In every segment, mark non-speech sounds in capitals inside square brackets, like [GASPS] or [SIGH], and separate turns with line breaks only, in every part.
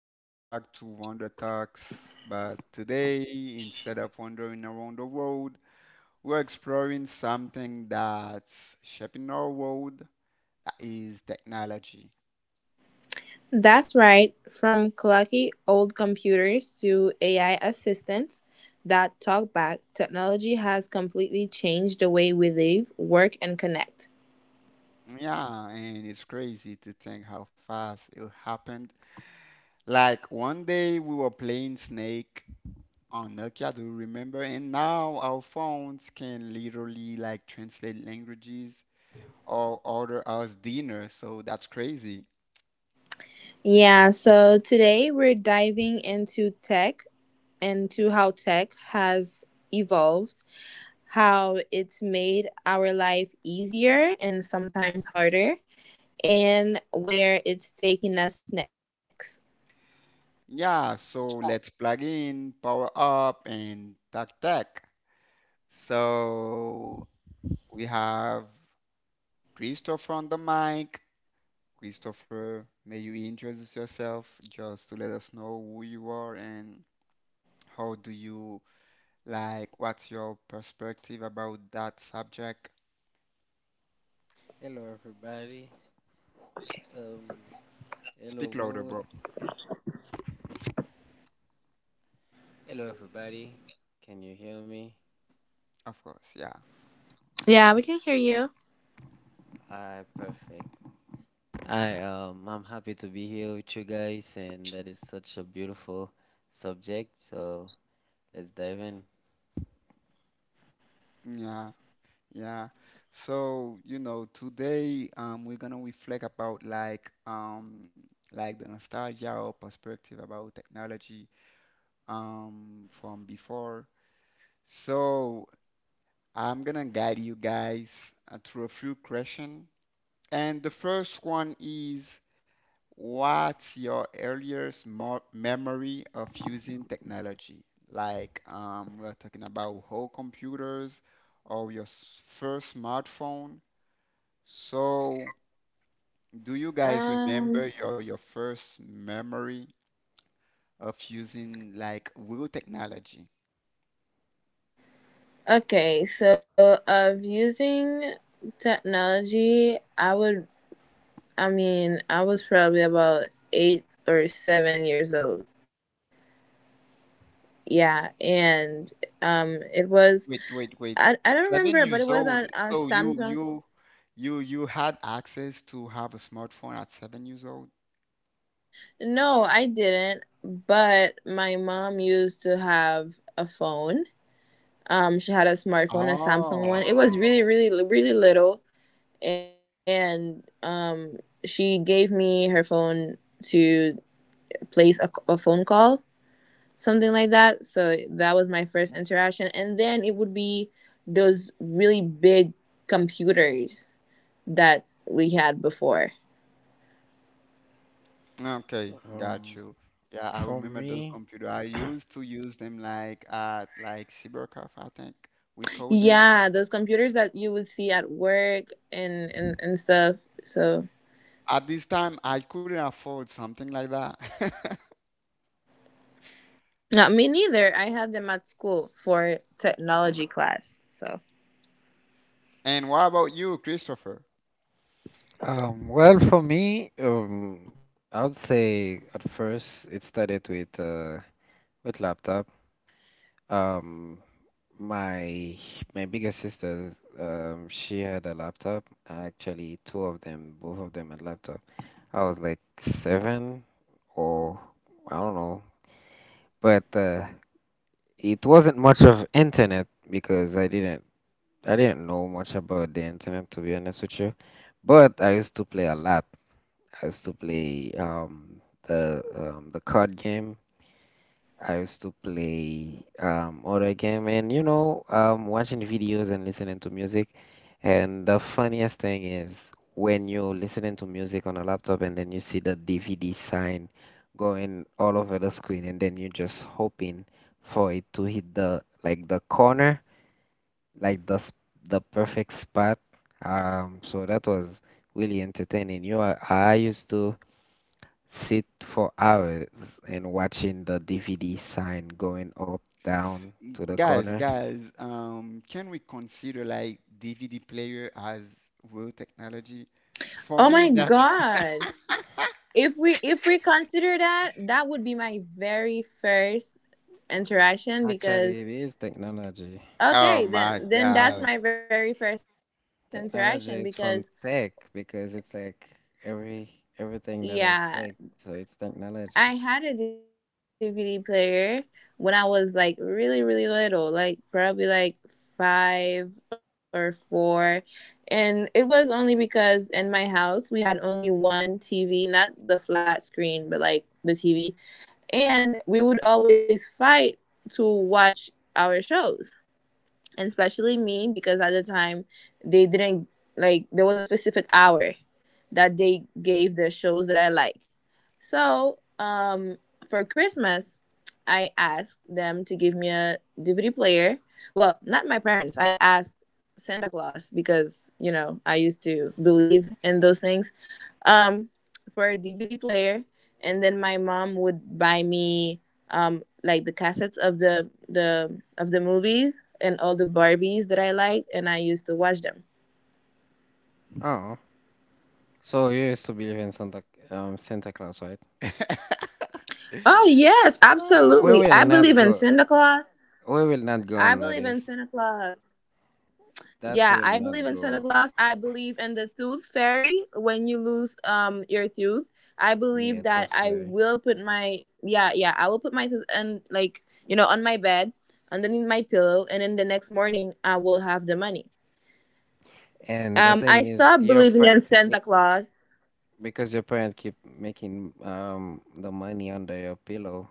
welcome back to Wonder Talks. But today, instead of wandering around the world, we're exploring something that's shaping our world, that is technology.
That's right, from clunky old computers to AI assistants that talk back, technology has completely changed the way we live, work, and connect.
Yeah, and it's crazy to think how fast it happened. Like one day we were playing Snake on Nokia, do you remember? And now our phones can literally like translate languages or order us dinner, so that's crazy.
Yeah, so today we're diving into tech, into how tech has evolved, how it's made our life easier and sometimes harder, and where it's taking us next.
Yeah, so let's plug in, power up, and tack tack. So we have Christopher on the mic. Christopher, may you introduce yourself just to let us know who you are and how do you like, what's your perspective about that subject?
Hello, everybody. Um,
Speak
hello,
louder, bro.
world. Hello, everybody. Can you hear me?
Of course, yeah.
Yeah, we can hear you.
Hi, perfect. I'm happy to be here with you guys, and that is such a beautiful subject. So let's dive in.
Yeah. Yeah. So, you know, today we're gonna reflect about like the nostalgia or perspective about technology from before. So I'm gonna guide you guys through a few questions. And the first one is, what's your earliest mo memory of using technology? Like we're talking about whole computers or your first smartphone. So, do you guys remember your
Um,
first memory of using like real technology?
Okay, so of using technology, I mean, I was probably about 8 or 7 years old. Yeah, and it was,
Wait, wait,
I,
wait.
I don't remember,
Seven
but it
years
was on
old.
a
So you
Samsung.
you you you had access to have a smartphone at 7 years old?
No, I didn't, but my mom used to have a phone. She had a smartphone, a Samsung one.
Oh,
It was
okay.
really, really, really little, and she gave me her phone to place a phone call, something like that. So that was my first interaction. And then it would be those really big computers that we had before.
Okay,
So,
got you. Yeah, I
for
remember those
me,
computer. I
[CLEARS THROAT]
used to use them like at like cybercafe, I think we call them.
Yeah, those computers that you would see at work and stuff. So,
At this time, I couldn't afford something like that. [LAUGHS]
no, me neither. I had them at school for technology class. So,
And what about you, Christopher?
well, for me, I would say at first it started with with laptop. Um, My my bigger sisters, she had a laptop. Actually, two of them, both of them had laptop. I was like seven or I don't know, but it wasn't much of internet because I didn't know much about the internet to be honest with you. But I used to play a lot. I used to play the card game. I used to play other game and watching videos and listening to music. And the funniest thing is when you're listening to music on a laptop and then you see the DVD sign going all over the screen and then you're just hoping for it to hit the like the corner, like the perfect spot. So that was really entertaining. I used to sit for hours and watching the DVD sign going up, down to the
Guys,
corner.
guys, can we consider like DVD player as real technology? For
oh my
me, that's
God. If we consider that, that would be my very first interaction
Actually,
because...
it is technology.
[LAUGHS] oh
Okay, then
my
then that's
God.
my very first interaction because...
Technology is from tech because it's like every everything that has tech,
Yeah,
so it's technology.
I had a DVD player when I was like really little, like probably like 5 or 4. And it was only because in my house we had only one TV, not the flat screen, but like the TV. And we would always fight to watch our shows, and especially me because at the time they didn't, like, there was a specific hour that they gave the shows that I like. So for Christmas, I asked them to give me a DVD player. Well, not my parents. I asked Santa Claus because you know I used to believe in those things um for a DVD player, and then my mom would buy me like the cassettes of the of the movies and all the Barbies that I liked, and I used to watch them.
Oh, so you used to believe in Santa, Santa Claus, right?
[LAUGHS]
Oh yes,
We
Wow.
absolutely. I
will
believe
not
in
go.
Santa Claus.
We will not go
I believe in
unnoticed.
Santa Claus.
That
Yeah,
will
I believe
not
in Santa
go.
Claus. I believe in the tooth fairy when you lose your tooth. I
Yeah,
believe
too
that I
sorry.
will put my, yeah, yeah, I will put my tooth and, like, you know, on my bed, underneath my pillow, and then the next morning I will have the money.
And the
I
thing is,
stopped
your
believing
pre-
in Santa Claus.
Because your parents keep making, the money under your pillow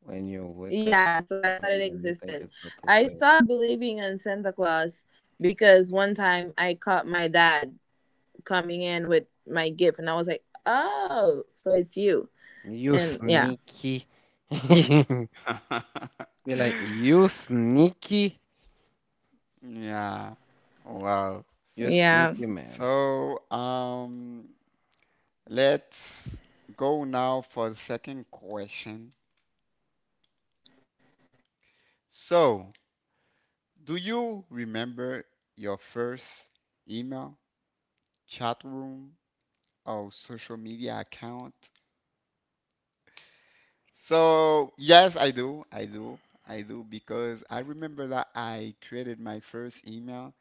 when you wake up,
Yeah, so
you
I thought it
find them, you think
existed.
it's total
I
fair.
stopped believing in Santa Claus because one time I caught my dad coming in with my gift, and I was like, "Oh, so it's you."
You
And yeah,
sneaky. [LAUGHS]
[LAUGHS]
Be like,
Yeah. Wow.
you
yeah.
sneaky man.
So, let's go now for the second question. So, do you remember your first email, chat room or social media account? So yes, I do. I do. I do because I remember that I created my first email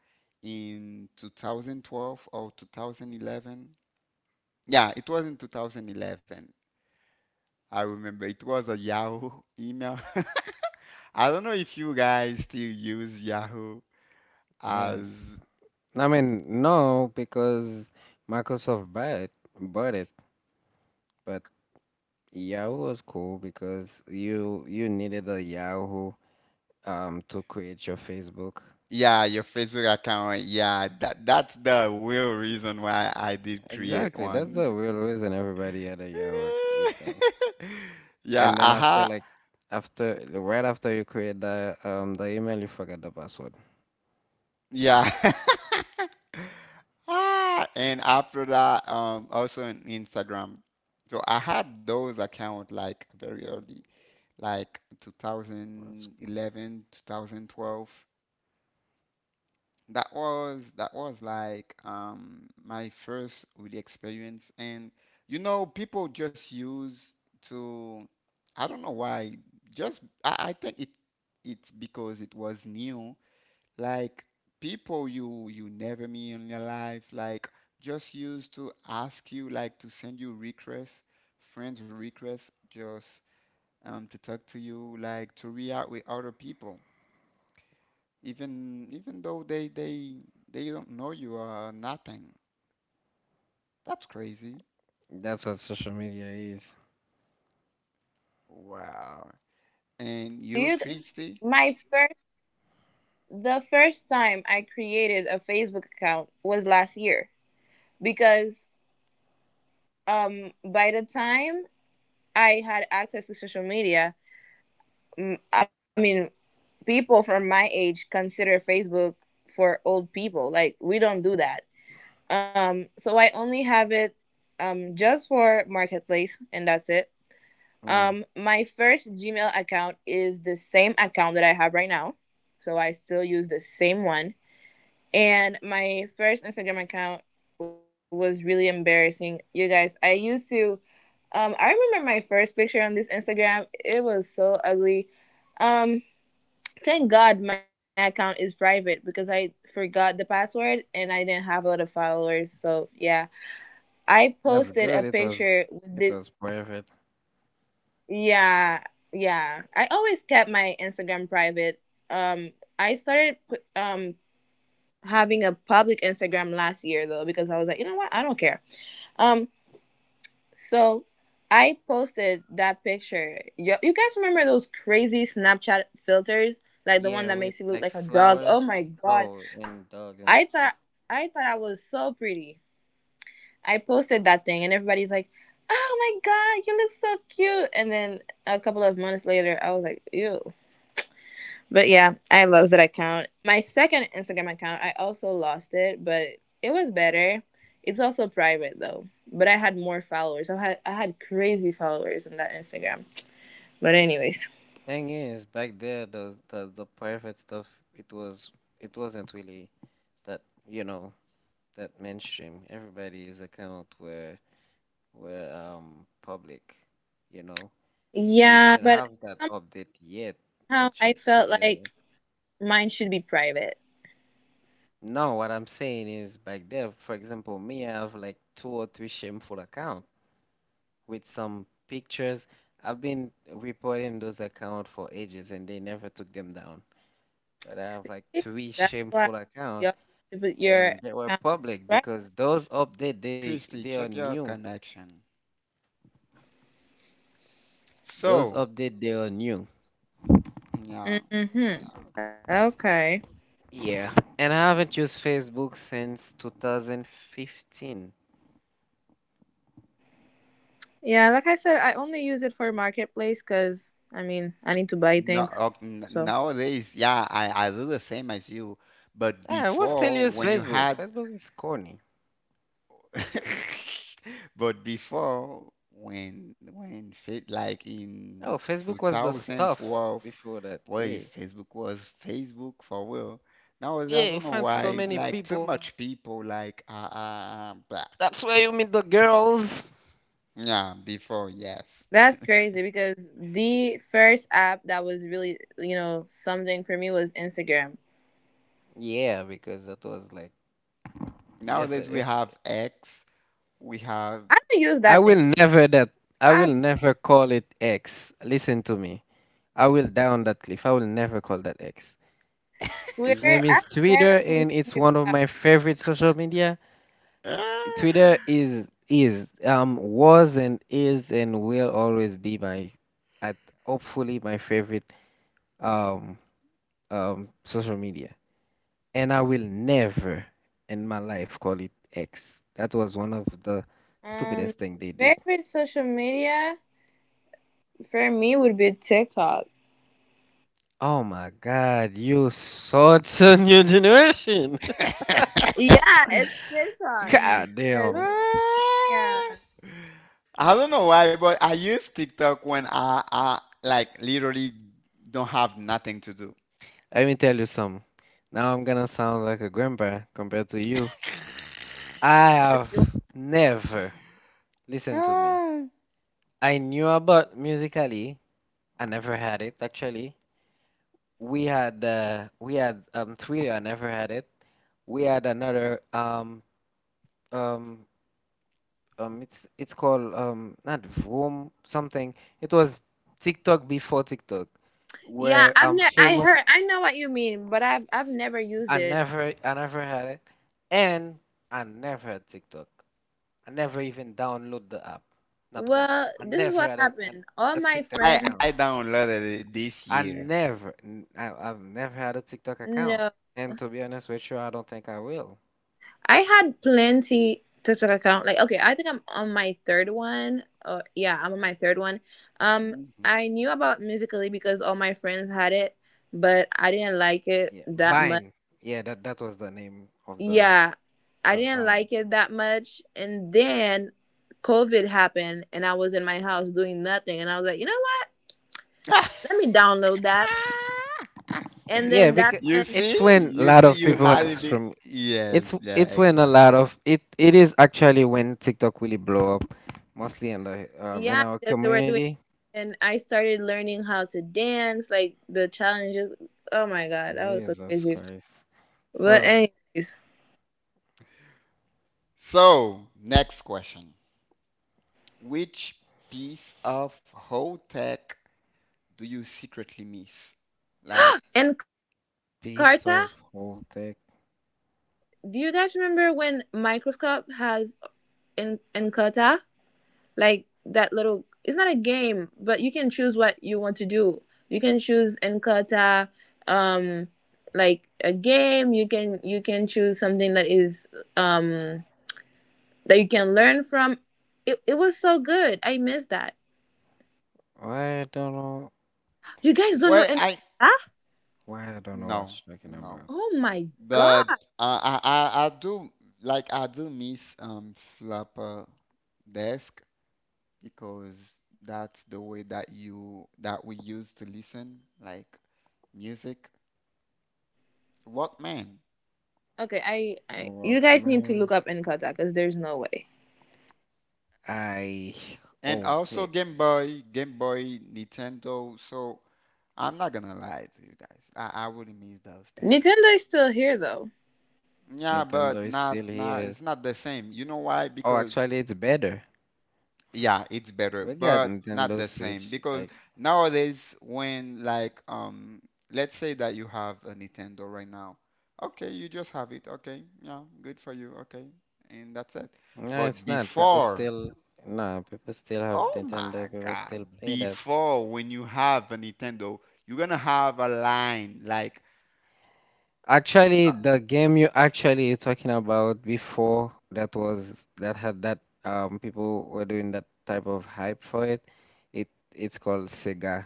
in 2012 or 2011. Yeah, it was in 2011. I remember it was a Yahoo email. [LAUGHS] I don't know if you guys still use Yahoo as
Yes. I mean, no, because Microsoft bought it, but Yahoo was cool because you needed a Yahoo, to create your Facebook.
yeah, your Facebook account. Yeah, that that's the real reason why I did create
Exactly. That's
one.
the real reason everybody had a Yahoo email.
[LAUGHS] Yeah,
And then after
aha.
like after right after you create the, the email you forget the password.
Yeah. [LAUGHS] Ah, and after that, also on Instagram. So I had those account like very early, like
That's
2011, 2012. That was like my first really experience, and you know people just use to, I don't know why, just I think it's because it was new, like people you never meet in your life like just used to ask you like to send you requests, friends requests just to talk to you, like to react with other people even though they don't know you or nothing. That's crazy.
that's what social media is.
Wow. And
Do
you,
you?
Christy?
My first, the first time I created a Facebook account was last year because by the time I had access to social media, I mean, people from my age consider Facebook for old people. Like we don't do that. So I only have it just for marketplace, and that's it.
Mm.
My first Gmail account is the same account that I have right now. So I still use the same one. And my first Instagram account was really embarrassing. You guys, I used to I remember my first picture on this Instagram. It was so ugly. Um thank God my account is private because I forgot the password and I didn't have a lot of followers. So yeah. I
That's
posted a
good. It was
picture with the...
it was perfect.
Yeah, yeah. I always kept my Instagram private. Um, I started having a public Instagram last year though because I was like, you know what, I don't care. Um, so I posted that picture. You guys remember those crazy Snapchat filters, like
Yeah,
the one
with
that makes
like
you look like a
flowers.
dog? Oh my
Oh,
god,
and dog
I
and
thought
stuff.
I thought I was so pretty. I posted that thing, and everybody's like, "Oh my god, you look so cute!" And then a couple of months later, I was like, "Ew." But yeah, I lost that account. My second Instagram account, I also lost it, but it was better. It's also private though, but I had more followers. I had crazy followers on that Instagram. But anyways,
Thing is, back there, those the private stuff, it was it wasn't really that you know that mainstream. Everybody's account were public. You know, we
yeah,
didn't
but
have that
somehow
update
I
yet,
felt like
actually, to be
mine
honest.
should be private.
No, what I'm saying is, back there, for example, me, I have like two or three shameful accounts with some pictures. I've been reporting those accounts for ages and they never took them down. But I have like
See,
three
that's why
shameful
y'all
accounts,
put your
and they were
account
public
private.
because those update they
Christy,
they are
check your
new.
connection.
Those
So
update they are new.
yeah,
Mm-hmm.
yeah.
Okay.
Yeah, and I haven't used Facebook since 2015.
Yeah, like I said, I only use it for marketplace because I mean I need to buy things.
No,
So
nowadays, yeah, I do the same as you. But
I will still
before,
use
when you
Facebook.
had,
Facebook is corny.
[LAUGHS] but before, when fit like in
Oh, Facebook was the stuff
2012,
before that.
boy,
Yeah.
Facebook was Facebook for real. Nowadays, I
Yeah, you
don't know
find so
why,
many
like too
people.
much people like are black.
That's where you meet the girls.
Yeah, before, yes.
that's crazy because the first app that was really something for me was Instagram.
Yeah, because that was like
Nowadays we
yesterday.
have X, we have.
I don't use
I
that thing.
will never that. I
I
will
have
never call it X. Listen to me. I will die on that cliff. I will never call that X. His name
Twitter. I've
is
never
Twitter,
used
and it's
Twitter.
one of
That
my favorite social media. Twitter is was and is and will always be my at hopefully my favorite, um social media. And I will never in my life call it X. That was one of the
um,
stupidest thing they did.
favorite social media for me would be TikTok.
Oh my God, you such a new generation.
[LAUGHS]
Yeah, it's
[LAUGHS]
TikTok.
Yeah.
God
'Cause,
damn.
yeah.
I don't know why, but I use TikTok when I like literally don't have nothing to do.
Let me tell you something. Now I'm gonna sound like a grandpa compared to you. I have never listened to me.
Ah,
I knew about Musically. I never had it actually. We had Thriller. I never had it. We had another, um it's called, not Vroom something. It was TikTok before TikTok,
Yeah,
where,
I've never. I
famous.
heard. I know what you mean, but I've never used
I
it.
never I never had it, and I never had TikTok. I never even download the app, not once.
Well,
I
this is
never
what
had a, an
happened. All
a
my
TikTok
friends.
account.
I downloaded it this
I
year.
never, n- I, have never had a TikTok account,
No,
and to be honest with you, I don't think I will.
I had plenty TikTok account. Like, okay, I think I'm on my third one. Or yeah, I'm on my third one. Um,
Mhm.
I knew about Musically because all my friends had it, but I didn't like it
Yeah,
that much.
Vine. Yeah, that was the name of the.
Yeah,
It
I
was
didn't
Vine.
like it that much, and then COVID happened, and I was in my house doing nothing, and I was like, you know what?
[LAUGHS]
Let me download that, and
Yeah,
then that's
because
You
when...
see,
it's when a
you
lot
see,
of
you
people
had
had
it.
some.
Yes,
It's
yeah,
it's when a
exactly.
lot of it is actually when TikTok really blow up, mostly in the in
Yeah,
our
because they were doing,
community.
and I started learning how to dance, like the challenges. Oh my god, that was so
Jesus
crazy.
Christ,
But
a
anyways,
So, next question. Which piece of whole tech do you secretly miss? Like,
and carta.
piece of whole tech.
Do you guys remember when microscope has in carta, like, that little, it's not a game, but you can choose what you want to do, you can choose encarta, um like a game, you can choose something that is um that you can learn from. It was so good. I miss that.
I don't know
You guys don't know
well,
any...
I
Huh?
why I don't know what
no,
you're talking
no,
about.
Oh my
but
god.
I do, like I do miss flopper desk, because that's the way that you that we use to listen like music, Walkman,
Okay, I
Oh
you guys need to
man.
look up Encarta because there's no way.
I
and
old
also
pick.
Game Boy, Nintendo. So I'm not gonna lie to you guys, I really miss those things.
Nintendo is still here though.
Yeah,
Nintendo
but
is still
not
here.
it's not the same. You know why?
Oh,
Because
actually, it's better.
yeah, it's better,
We got
but not
Nintendo
the same
Switch.
because
Like,
nowadays when let's say that you have a Nintendo right now. Okay, you just have it. Okay. Yeah, good for you. Okay. And that's it.
no,
But Exactly.
it's not.
Before,
No, people still have
oh my
Nintendo. People
God,
still play that.
before when you have a Nintendo, you're gonna have a line like
Actually, the game you're talking about before, that was that had that, people were doing that type of hype for it. It it's called Sega,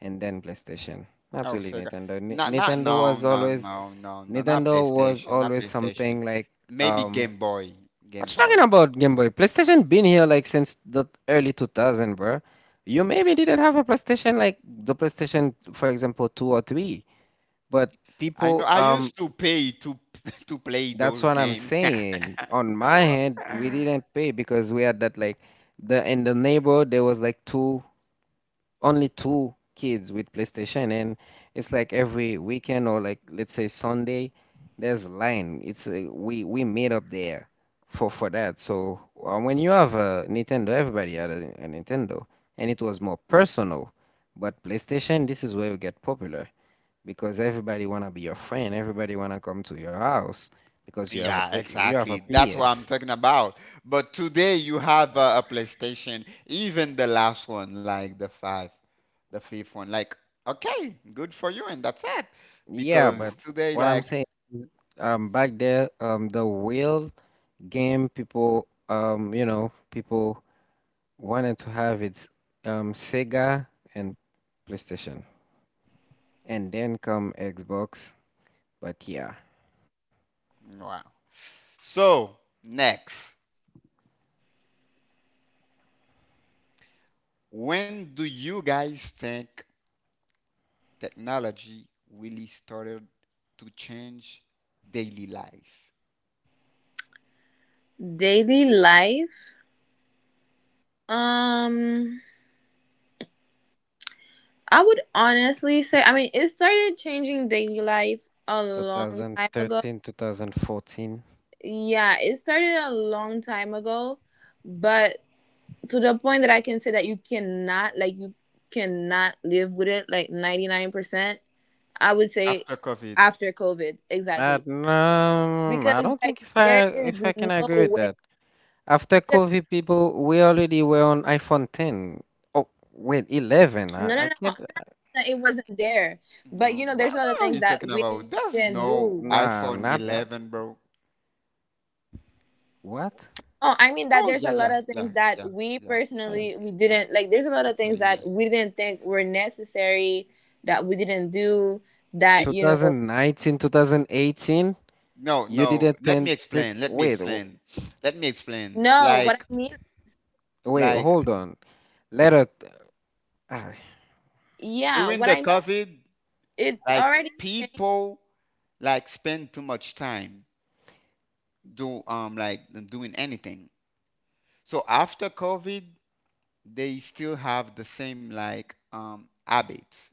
and then PlayStation. Not
oh
really
Sega.
Nintendo. Ni-
Not not
Nintendo
no
was
no
always
no no no not PlayStation, not PlayStation.
Something like.
Maybe
um what
Game
you talking
Boy.
about, Game Boy? PlayStation been here like since the early 2000, bro. You maybe didn't have a PlayStation like the PlayStation, for example, 2 or 3. But
I know.
people
I used to pay to [LAUGHS] to play
That's
those
what I'm
games. [LAUGHS]
saying. On my hand, we didn't pay because we had that like the in the neighborhood there was like two only two kids with PlayStation, and it's like every weekend or like let's say Sunday, there's line. It's We meet up there for that. So when you have a Nintendo, everybody had a Nintendo, and it was more personal. But PlayStation, this is where you get popular because everybody wanna be your friend. Everybody wanna come to your house because
Yeah,
you have a
exactly. That's what I'm
PS.
talking about. But today you have
Uh,
a PlayStation, even the last one, like the five, the fifth one. Like, okay, good for you, and that's it.
Yeah, but
Because today,
what I'm
like,
saying is, back there, the real game people you know people wanted to have. It's Sega and PlayStation, and then come Xbox. But yeah,
wow. So next, when do you guys think technology really started to change daily life?
Daily life. Um I would honestly say I mean it started changing daily life a long time ago.
2013, 2014.
Yeah, it started a long time ago. But to the point that I can say that you cannot live with it like 99%. I would say
After COVID.
after COVID,
I,
exactly.
um, I
Because,
don't
like,
think if I
there
if
is
I can
no
agree with
way,
that. After
because
COVID, people, we already were on iPhone 10, oh
no, no,
wait,
no, I'm not
11.
saying
I
that it
can't.
wasn't there. But you know, there's a lot of
No,
things that
what are
we
you talking
didn't
about?
do.
There's no
Nah,
iPhone
not
11, bro.
what.
Oh, I mean that there's a
Oh yeah,
lot of
yeah,
things
yeah,
that
yeah,
we
yeah, yeah,
Wait,
personally, we
yeah.
didn't, like, there's a lot of things
Actually,
that
yes.
we didn't think were necessary, that we didn't do, that
It
you know.
2019, 2018,
no,
you
no.
didn't
Let me
then take,
explain. Let me
wait.
explain.
No,
Let me
what I mean?
explain.
Wait,
Like
hold on. Let us, ah,
Yeah, what I
during
mean,
the COVID,
it
like
already changed.
people like spend too much time do like doing anything. So after COVID, they still have the same habits,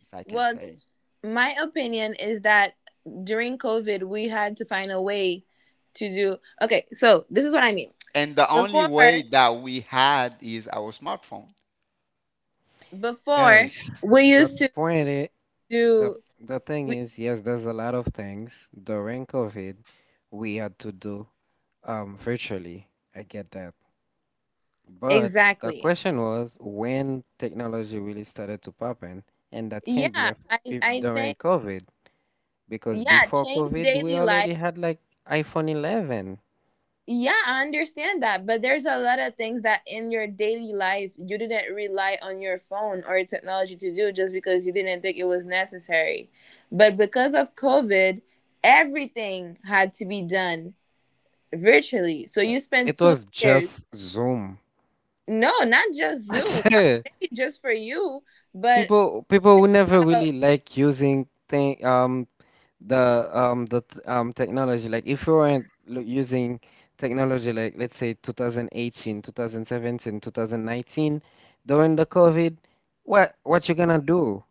if I can
Well,
say.
my opinion is that during COVID, we had to find a way to do. Okay, so this is what I mean.
And the only
Before,
way that we had is our smartphone.
before,
guys.
we
The
used to
point is, the
do
the thing
we,
is, yes, there's a lot of things during COVID we had to do, virtually. I get that,
exactly.
but the question was when technology really started to pop in, and that can't be
Yeah, I I
during
think,
COVID because
yeah,
before
change
COVID we
daily life.
already had like iPhone 11.
Yeah, I understand that, but there's a lot of things that in your daily life you didn't rely on your phone or technology to do just because you didn't think it was necessary. But because of COVID, everything had to be done virtually. So
Uh,
you spent
It
two
was
years.
just Zoom.
No, not just Zoom. I
[LAUGHS]
mean, maybe just for you, but
People who never
uh,
really like using thing, technology, like if you weren't, using technology, like let's say 2018, 2017, 2019 during the COVID, what you gonna do?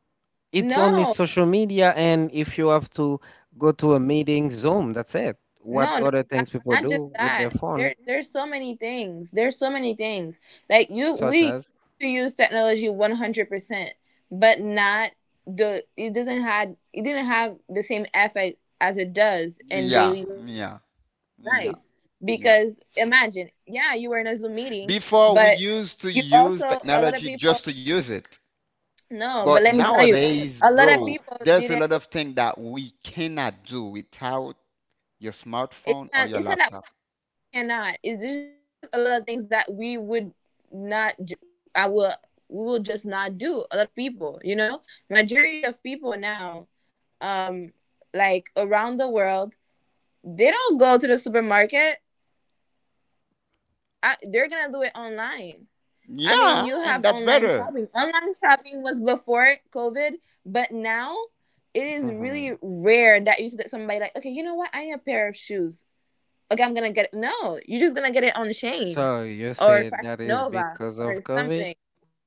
It's only
no.
social media and if you have to go to a meeting, Zoom. That's it. What
No, not
other
that.
things people
Not just
do with their
that.
phone,
There's so many things. There's so many things. Like you,
such
we
as.
use technology 100% but not the. It doesn't had. It didn't have the same effect as it does in
Yeah,
daily life.
yeah,
Because
yeah,
imagine,
yeah.
yeah, you were in a Zoom meeting, but
Before we
you
used to
also
use
a lot of
technology
people.
just to use it.
No,
But
but let me tell you,
nowadays,
a lot
bro,
of people
there's a lot of
didn't...
things that we cannot do without your smartphone or
It's
your
not. It's
laptop.
not that we cannot. It's just a lot of things that we would not. I will. We will just not do. A lot of people, you know, majority of people now, um, like around the world, they don't go to the supermarket. They're gonna do it online. I mean, you
Yeah,
have
and that's
online shopping.
better.
Online shopping was before COVID, but now it is
Mhm.
really rare that you see that somebody like, okay, you know what? I need a pair of shoes. Okay, I'm gonna get it. No, you're just gonna get it on Shane
So you
or
say
Fashion
that is
Nova
because of
or
COVID?
something.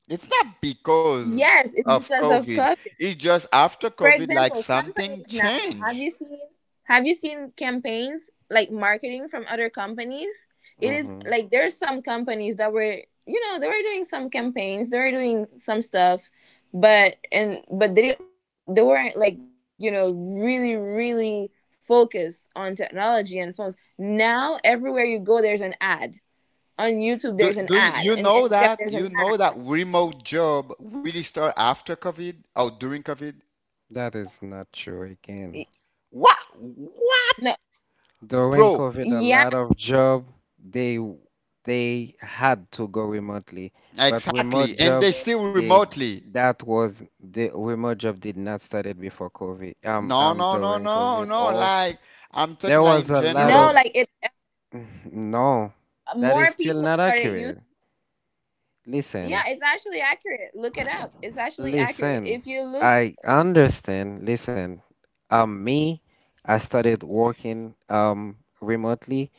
It's not because
Yes, it's
of
because
COVID.
of COVID.
It's just after COVID,
For
like
example,
something
companies now.
changed.
Have you seen campaigns like marketing from other companies?
Hmm.
It is like there's some companies that were, you know, they were doing some campaigns, they were doing some stuff, but they didn't, they weren't, like, you know, really, really focused on technology and phones. Now everywhere you go there's an ad on
Do
YouTube, there's
do
an
you,
ad, and Instagram
you
there's an
know that
ad.
remote job really start after COVID or during COVID?
That is not true again.
What,
No,
During
bro?
COVID, a lot
yeah,
of job they they had to go remotely, but remote
Exactly, and
job
they still
they
remotely.
that was the remote job did not started before COVID.
No, no, no,
During
no,
COVID,
no.
or
Like I'm talking
there
like
was
in
a lot
no,
of
general.
like it. uh,
[LAUGHS] [SIGHS] no, that is
More
still not
people started
accurate.
using.
Listen,
Yeah, it's actually accurate. Look it up. It's actually
listen,
accurate. If you look,
I understand. Listen, me, I started working, remotely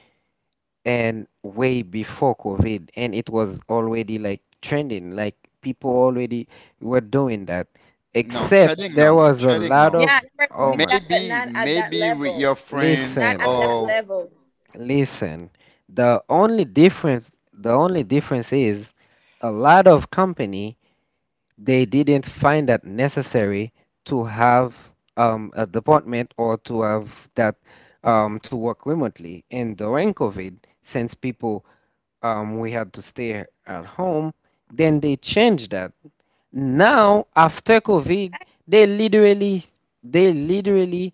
and way before COVID, and it was already like trending, like people already were doing that.
No
Except
trading,
there
no
was a
trading,
lot
no.
of,
yeah, they were
oh my,
doing that,
Maybe
but not at
maybe
that
with your
level.
friends
Not at
listen,
that
or
level.
listen. The only difference is, a lot of company, they didn't find that necessary to have, a department or to have that, to work remotely. And during COVID, since people we had to stay at home. Then they changed that. Now after
That-
COVID, they literally they literally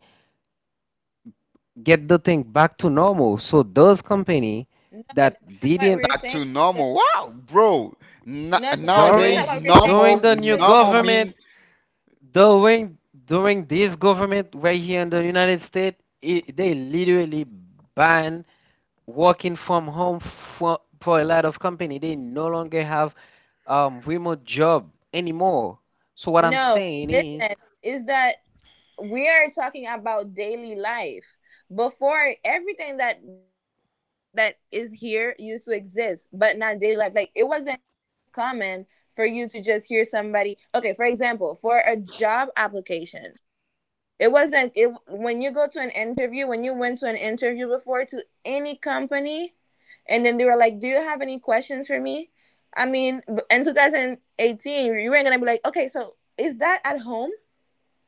get the thing back to normal. So those
No,
company
that's not what
that
we're saying.
didn't.
back
'Cause-
to normal. Wow, bro.
No,
N
no, no, this is not what we're
During
nowadays
saying.
normal
the
'Cause-
new
normal mean.
government. During this government right here in the United States, they literally ban working from home for a lot of company. They no longer have, remote job anymore. So what I'm
no,
saying is,
Listen, is that we are talking about daily life before everything that is here used to exist but not daily life, like it wasn't common for you to just hear somebody. Okay, for example, for a job application, it wasn't it when you go to an interview, when you went to an interview before, to any company, and then they were like, "Do you have any questions for me?" I mean, in 2018 you weren't gonna be like, "Okay, so is that at home?"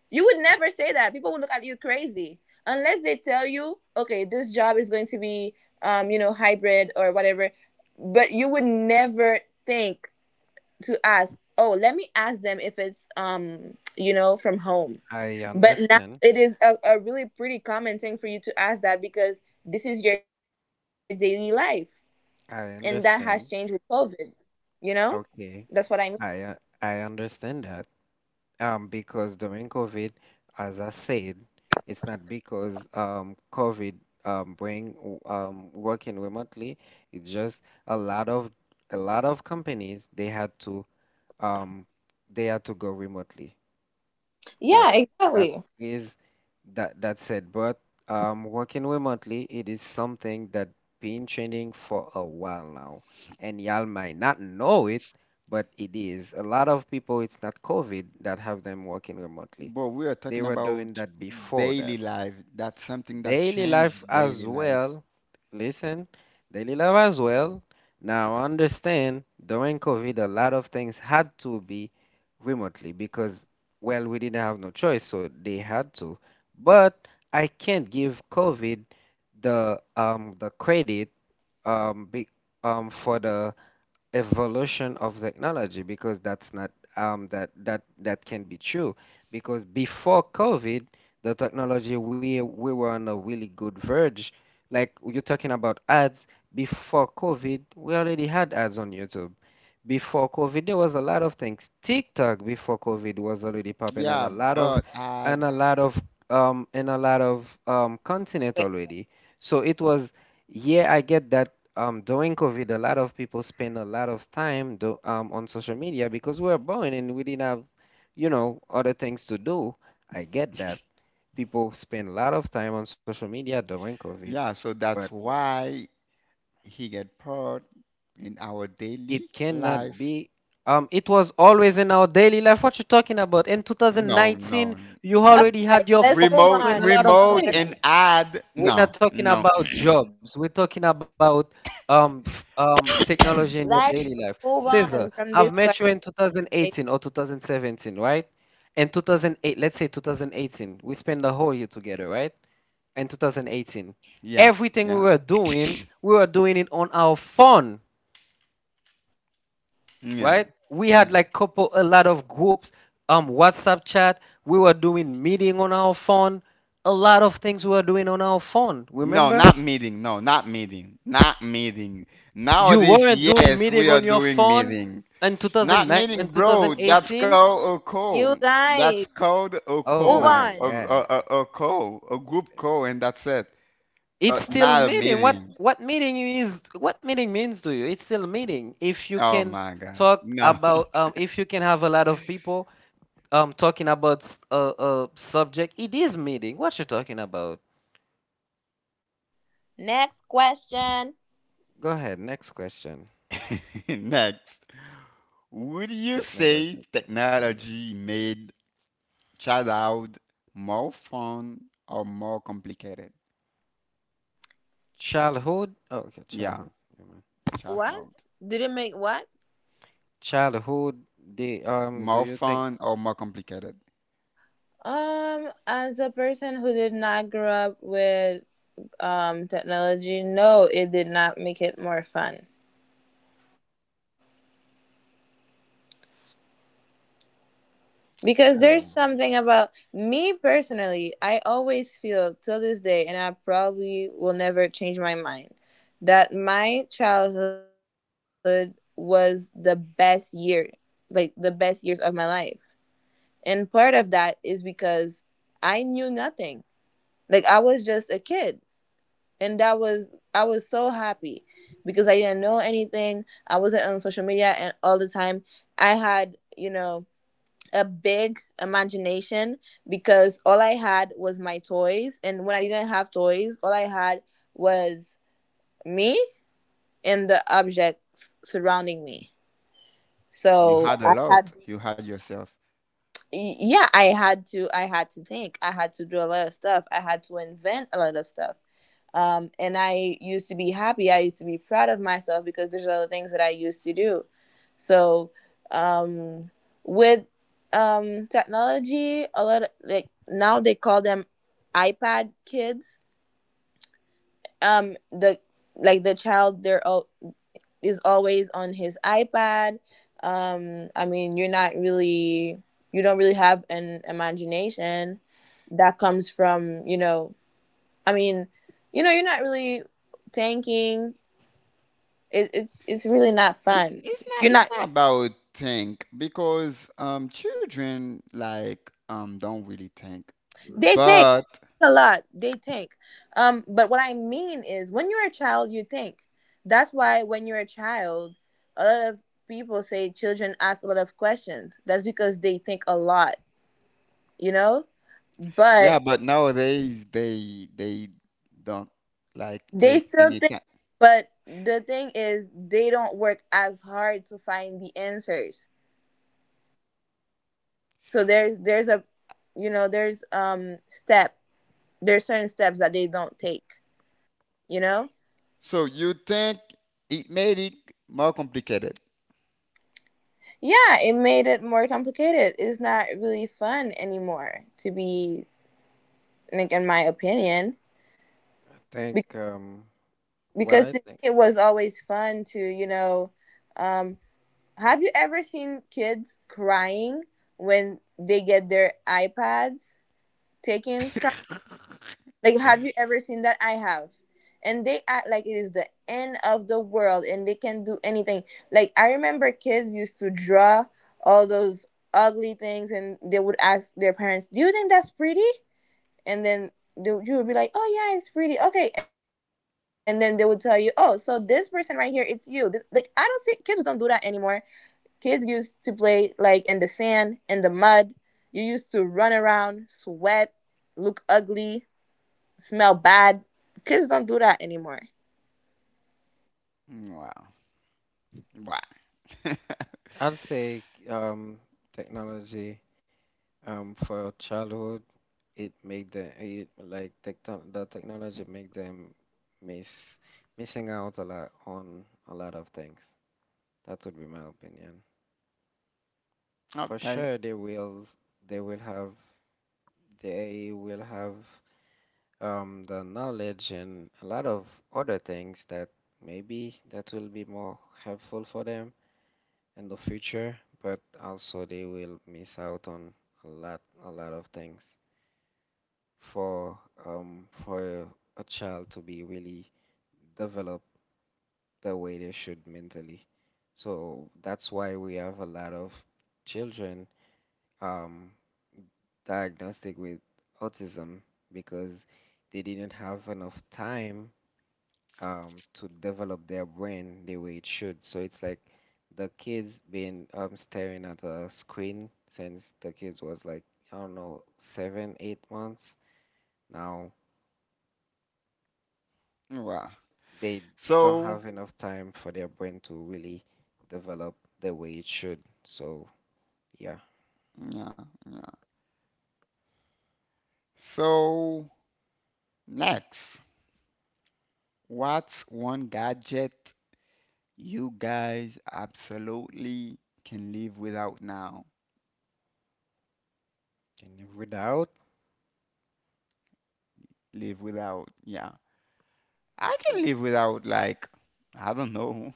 You would never say that. People would look at you crazy unless they tell you, "Okay, this job is going to be, you know, hybrid or whatever." But you would never think to ask, "Oh, let me ask them if it's, you know, from home."
I
But
understand.
now it is a really pretty common thing for you to ask that, because this is your daily life, and that
I
has changed with
understand.
COVID. You know, that's what
Okay.
I mean.
I uh, I understand that. Because during COVID, as I said, it's not because, COVID, bring working remotely. It's just a lot of companies they had to, um, go remotely. That
Yeah,
that
exactly.
is that that's it. But working remotely, it is something that been trending for a while now, and y'all might not know it, but it is. A lot of people, it's not COVID that have them working remotely.
But we are
They
talking
were doing
about
that before
daily
that,
life. That's something that
daily life
changed daily
as
life.
well. Listen, daily life as well. Now, understand during COVID, a lot of things had to be remotely because, well, we didn't have no choice, so they had to. But I can't give COVID the credit um be, for the evolution of technology because that's not that can be true because before COVID, the technology we were on a really good verge. Like you're talking about ads before COVID, we already had ads on YouTube. Before COVID, there was a lot of things. TikTok before COVID was already popping
Yeah,
and a lot of
but
and a lot of in a lot of continent
Okay,
already. So it was yeah, I get that during COVID, a lot of people spend a lot of time on social media because we were born and we didn't have, other things to do. I get that. People spend a lot of time on social media during COVID,
yeah, so
but
that's why he get part in our daily
it cannot
life.
be. It was always in our daily life. What you talking about? In
No, no,
2019, you
no.
already
guys,
had your
let's
phone
move
Remote,
doing
on.
a lot of
remote
things.
and ad.
We're not
No,
talking
no.
about jobs. We're talking about technology in your daily life.
Let's move
Cesar,
on
I've
from this
met you in
question.
2018 or 2017, right? And 2008, let's say 2018, we spent the whole year together, right? And 2018,
Yeah,
everything
yeah,
we were doing it on our phone,
yeah,
right? We had
yeah.
like couple a lot of groups, WhatsApp chat. We were doing meeting on our phone. A lot of things we were doing on our phone.
No,
Remember?
not meeting. No, not meeting. Not meeting.
You
Nowadays,
weren't doing
yes,
meeting
we are
on your
doing
phone
meeting.
in
Not
2009 in
meaning bro. That's
2018?
called a call.
You
That's
guys,
called a
Oh
move
my
call.
on.
god.
A call. A group call, and that's it.
It's
But
still
not a
meeting. What
meeting.
what meeting is what meeting means to you? It's still meeting. If you
Oh
can
my God.
talk
No.
about if you can have a lot of people talking about a subject, it is meeting. What you talking about?
Next question.
Go ahead. Next question.
[LAUGHS] Next. Would you say
Technology 2020.
technology made childhood more fun or more complicated?
Childhood? Oh, okay,
Yeah,
childhood. Never mind.
What?
childhood.
Did it make what?
Childhood, the
More
do you think
fun or more complicated?
As a person who did not grow up with technology, no, it did not make it more fun. Because there's
oh.
something about me personally, I always feel till this day, and I probably will never change my mind, that my childhood was the best year. Like the best years of my life. And part of that is because I knew nothing. Like I was just a kid, and that was, I was so happy because I didn't know anything. I wasn't on social media and all the time. I had, you know, a big imagination, because all I had was my toys, and when I didn't have toys, all I had was me and the objects surrounding me.
You
So
had a
I had,
lot. You had yourself.
yeah, I had to think, I had to do a lot of stuff, I had to invent a lot of stuff, and I used to be happy, I used to be proud of myself, because there's a lot of things that I used to do. So um, with technology, a lot of, like, now they call them iPad kids, the like the child, they're all, is always on his iPad. I mean, you're not really, you don't really have an imagination that comes from, you know, I mean, you know, you're not really tanking it. It's really not fun. You're
It's
not,
not about think because children like don't really think.
they tank
But
a lot, they tank. But what I mean is, when you're a child, you think. That's why when you're a child, a lot of people say children ask a lot of questions. That's because they think a lot, you know. But
yeah, but nowadays they don't like
they
take
still
any
think,
time.
but the thing is they don't work as hard to find the answers. So there's a, you know, there's step, there's certain steps that they don't take. You know,
So you think it made it more complicated.
yeah, it made it more complicated. It's not really fun anymore to be, like in my opinion. Be-
Think what
because to
I
me
think,
it was always fun to, you know, um have you ever seen kids crying when they get their iPads taken from?
[LAUGHS]
Like, have you ever seen that? I have. And they act like it is the end of the world and they can do anything. Like, I remember kids used to draw all those ugly things and they would ask their parents, "Do you think that's pretty?" And then they, you would be like, "Oh, yeah, it's pretty. Okay." And then they would tell you, "Oh, so this person right here, it's you." Like, I don't see, kids don't do that anymore. Kids used to play like in the sand, in the mud. You used to run around, sweat, look ugly, smell bad. Kids don't do that anymore.
Wow. Wow.
I'd say technology, for childhood, it made the technology make them miss missing out a lot on a lot of things. That would be my opinion. For
Okay.
sure, they will have they will have the knowledge and a lot of other things that maybe that will be more helpful for them in the future, but also they will miss out on a lot of things. For for a child to be really developed the way they should mentally, so that's why we have a lot of children um diagnostic with autism because they didn't have enough time to develop their brain the way it should. So it's like the kids been staring at a screen since the kids was like, I don't know, seven, 8 months. Now
Wow.
they don't
So,
have enough time for their brain to really develop the way it should. So yeah.
yeah, yeah. So, next, what's one gadget you guys absolutely can live without now?
And without
Live without, yeah. I can
hmm,
live without, like, I don't know,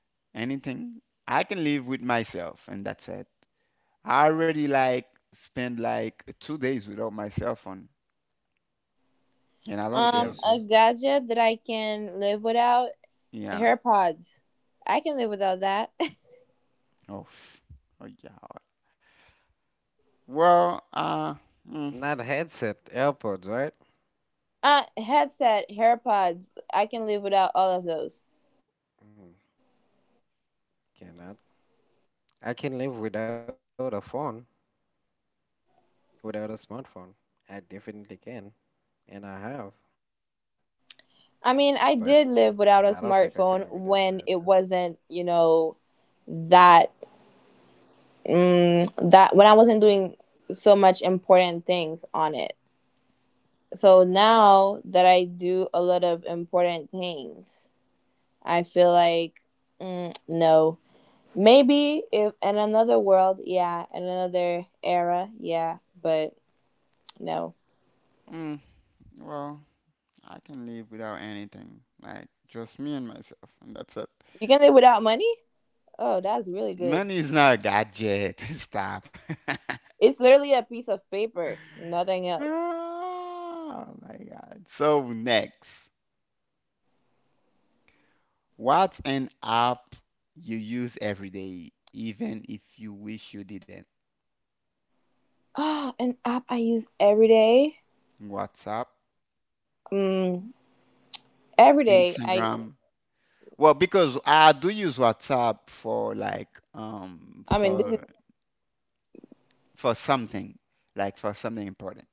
[LAUGHS] anything. I can live with myself, and that's it. I already, like, spend, like, 2 days without my cell phone, and I
two
don't care.
days, eh?
A gadget that I can live without,
Yeah.
hair pods. I can live without that.
Oh, pff. Oh yeah. Well, mm,
Not headset, AirPods, right?
[LAUGHS] Headset, hair pods. I can live without all of those.
Mm, cannot. I can live without a phone, without a smartphone. I definitely can, and I have, but
I
I
mean,
don't
I
think I
did
can live
live
without
without a
my headset.
smartphone when it wasn't, you know, that mm, that when I wasn't doing so much important things on it. So now that I do a lot of important things, I feel like, no. Maybe if in another world, yeah, in another era, yeah, but no.
mm, well, I can live without anything. Like, just me and myself, and that's it.
You can live without money? Oh, that's really
Money
good.
is not a gadget. [LAUGHS] Stop. [LAUGHS]
It's literally a piece of paper, nothing else. [GASPS]
Oh my God. So next, what's an app you use every day, even if you wish you didn't?
Ah, an app I use every day.
WhatsApp,
Mm, every day. I
Instagram. Well, because I do use WhatsApp for
I mean this is
for something, like for something important,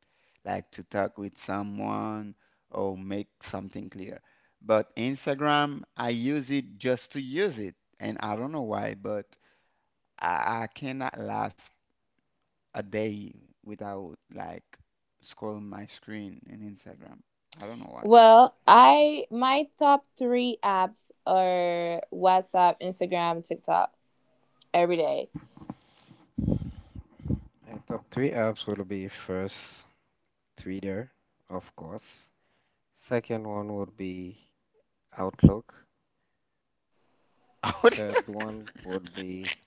like to talk with someone or make something clear. But Instagram, I use it just to use it, and I don't know why, but I cannot last a day without like scrolling my screen in Instagram. I don't know why.
well, I, my top three apps are WhatsApp, Instagram, TikTok. Every day.
My top three apps will be first Twitter, of course. Second one would be Outlook.
[LAUGHS]
Third
Outlook.
one would be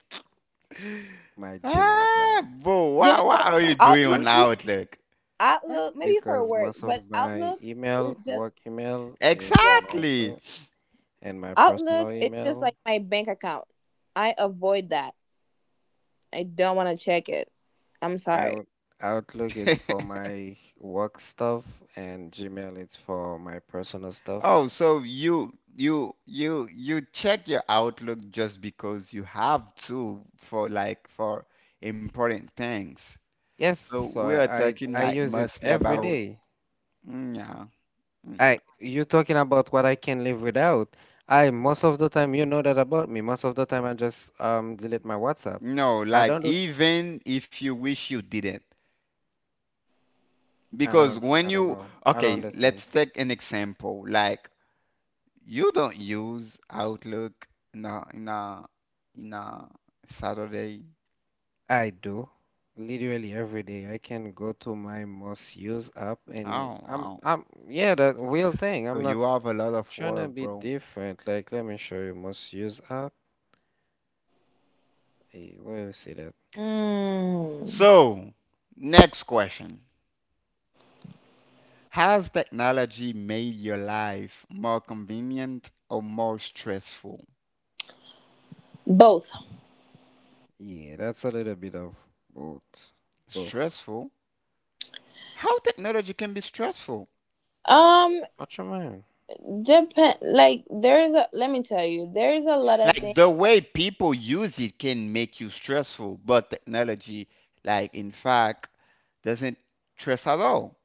my Gmail account
Ah, bro,
You know,
what are you [LAUGHS] doing
Outlook,
on Outlook.
Outlook maybe for
because
work,
most
but
of my
Outlook is
email,
just,
work email,
Outlook?
is on
yeah.
Exactly.
Outlook, and my
Outlook
personal
is just
email,
like my bank account. I avoid that. I don't want to check it. I'm sorry.
out Outlook is for
[LAUGHS]
my work stuff, and Gmail is for my personal stuff.
Oh, so you check your Outlook just because you have to for like for important things.
Yes,
So
so
we are talking
I
like
use it
mostly
every
about
day.
mm, yeah, yeah.
I you talking about what I can live without. I most of the time you know that about me. Most of the time I just delete my WhatsApp.
No,
I
like
don't do
even if you wish you didn't. Because when
I don't
you
know. I don't
okay,
understand.
let's take an example. Like you don't use Outlook in a in a in a Saturday.
I do. Literally every day I can go to my most used app and
Oh,
I'm
wow.
I'm yeah, the real thing.
So
I'm not
you have a lot of
trying to
work,
be
bro.
different. Like let me show you most used app. Hey, where you see that?
Mm,
So, next question. Has technology made your life more convenient or more stressful?
both.
Yeah, that's a little bit of both. Both.
Stressful? How technology can be stressful?
Um,
What you mean?
Japan. Like there's a. Let me tell you, there's a lot of
Like
things.
the way people use it can make you stressful, but technology, like in fact, doesn't stress at all.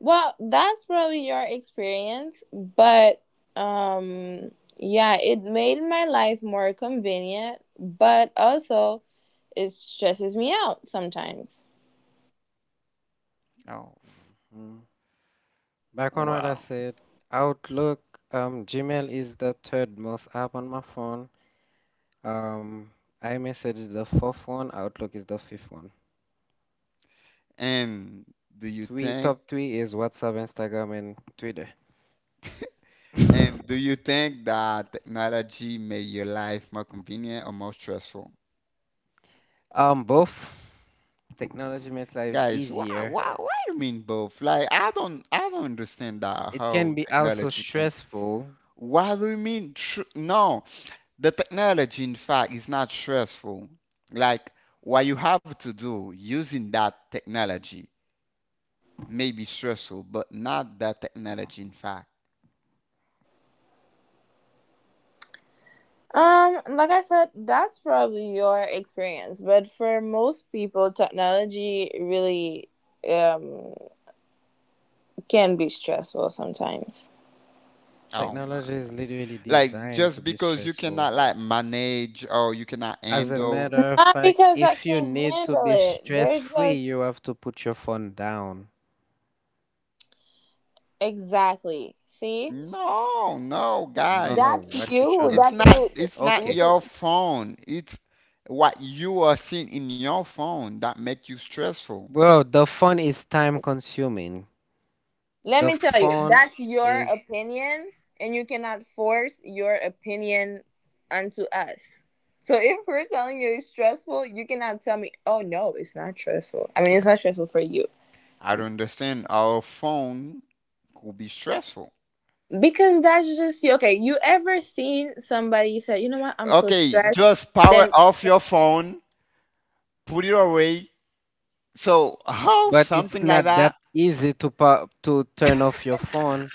Well, that's probably your experience, but um, yeah, it made my life more convenient, but also it stresses me out sometimes.
Oh,
Hmm. Back on what I
wow.
said, Outlook, Gmail is the third most app on my phone. Um, iMessage is the fourth one. Outlook is the fifth one.
And do you
Three
think
top three is WhatsApp, Instagram, and Twitter.
and do
[LAUGHS]
you think that technology made your life more convenient or more stressful?
Both technology makes life
Guys,
easier.
why you mean both? Like, I don't understand that
It
how
can
Mhm.
be also
technology can.
stressful.
Why do you mean? Tr no, the technology, in fact, is not stressful. Like, what you have to do using that technology may be stressful, but not that technology, in fact.
Like I said, that's probably your experience, but for most people, technology really um can be stressful sometimes.
Oh my
Technology is
God.
literally
Like,
designed to
just
be
because you
stressful.
cannot like manage or you cannot
As a
handle.
matter of
Not
fact,
because I
if you
can't
need to
handle
be
it.
stress
There's
free, you
just,
have to put your phone down.
exactly. See?
No, no,
I don't know
guys.
That's
[SNIFFS]
what you're trying
you.
to
That's
say,
you.
but
It's not
okay.
Look.
your phone. It's what you are seeing in your phone that make you stressful.
Well, the phone is time consuming.
Let
The
me tell you,
phone
that's your
is,
opinion, and you cannot force your opinion onto us. So if we're telling you it's stressful, you cannot tell me, "Oh no, it's not stressful." I mean, it's not stressful for you.
I don't understand our phone could be stressful.
Because that's just you. Okay, you ever seen somebody say, "You know what, I'm so
Okay,
stressed?"
just power
Then,
off your phone, put it away. So how
but it's
something like
not that
that?
easy to pa to turn off your phone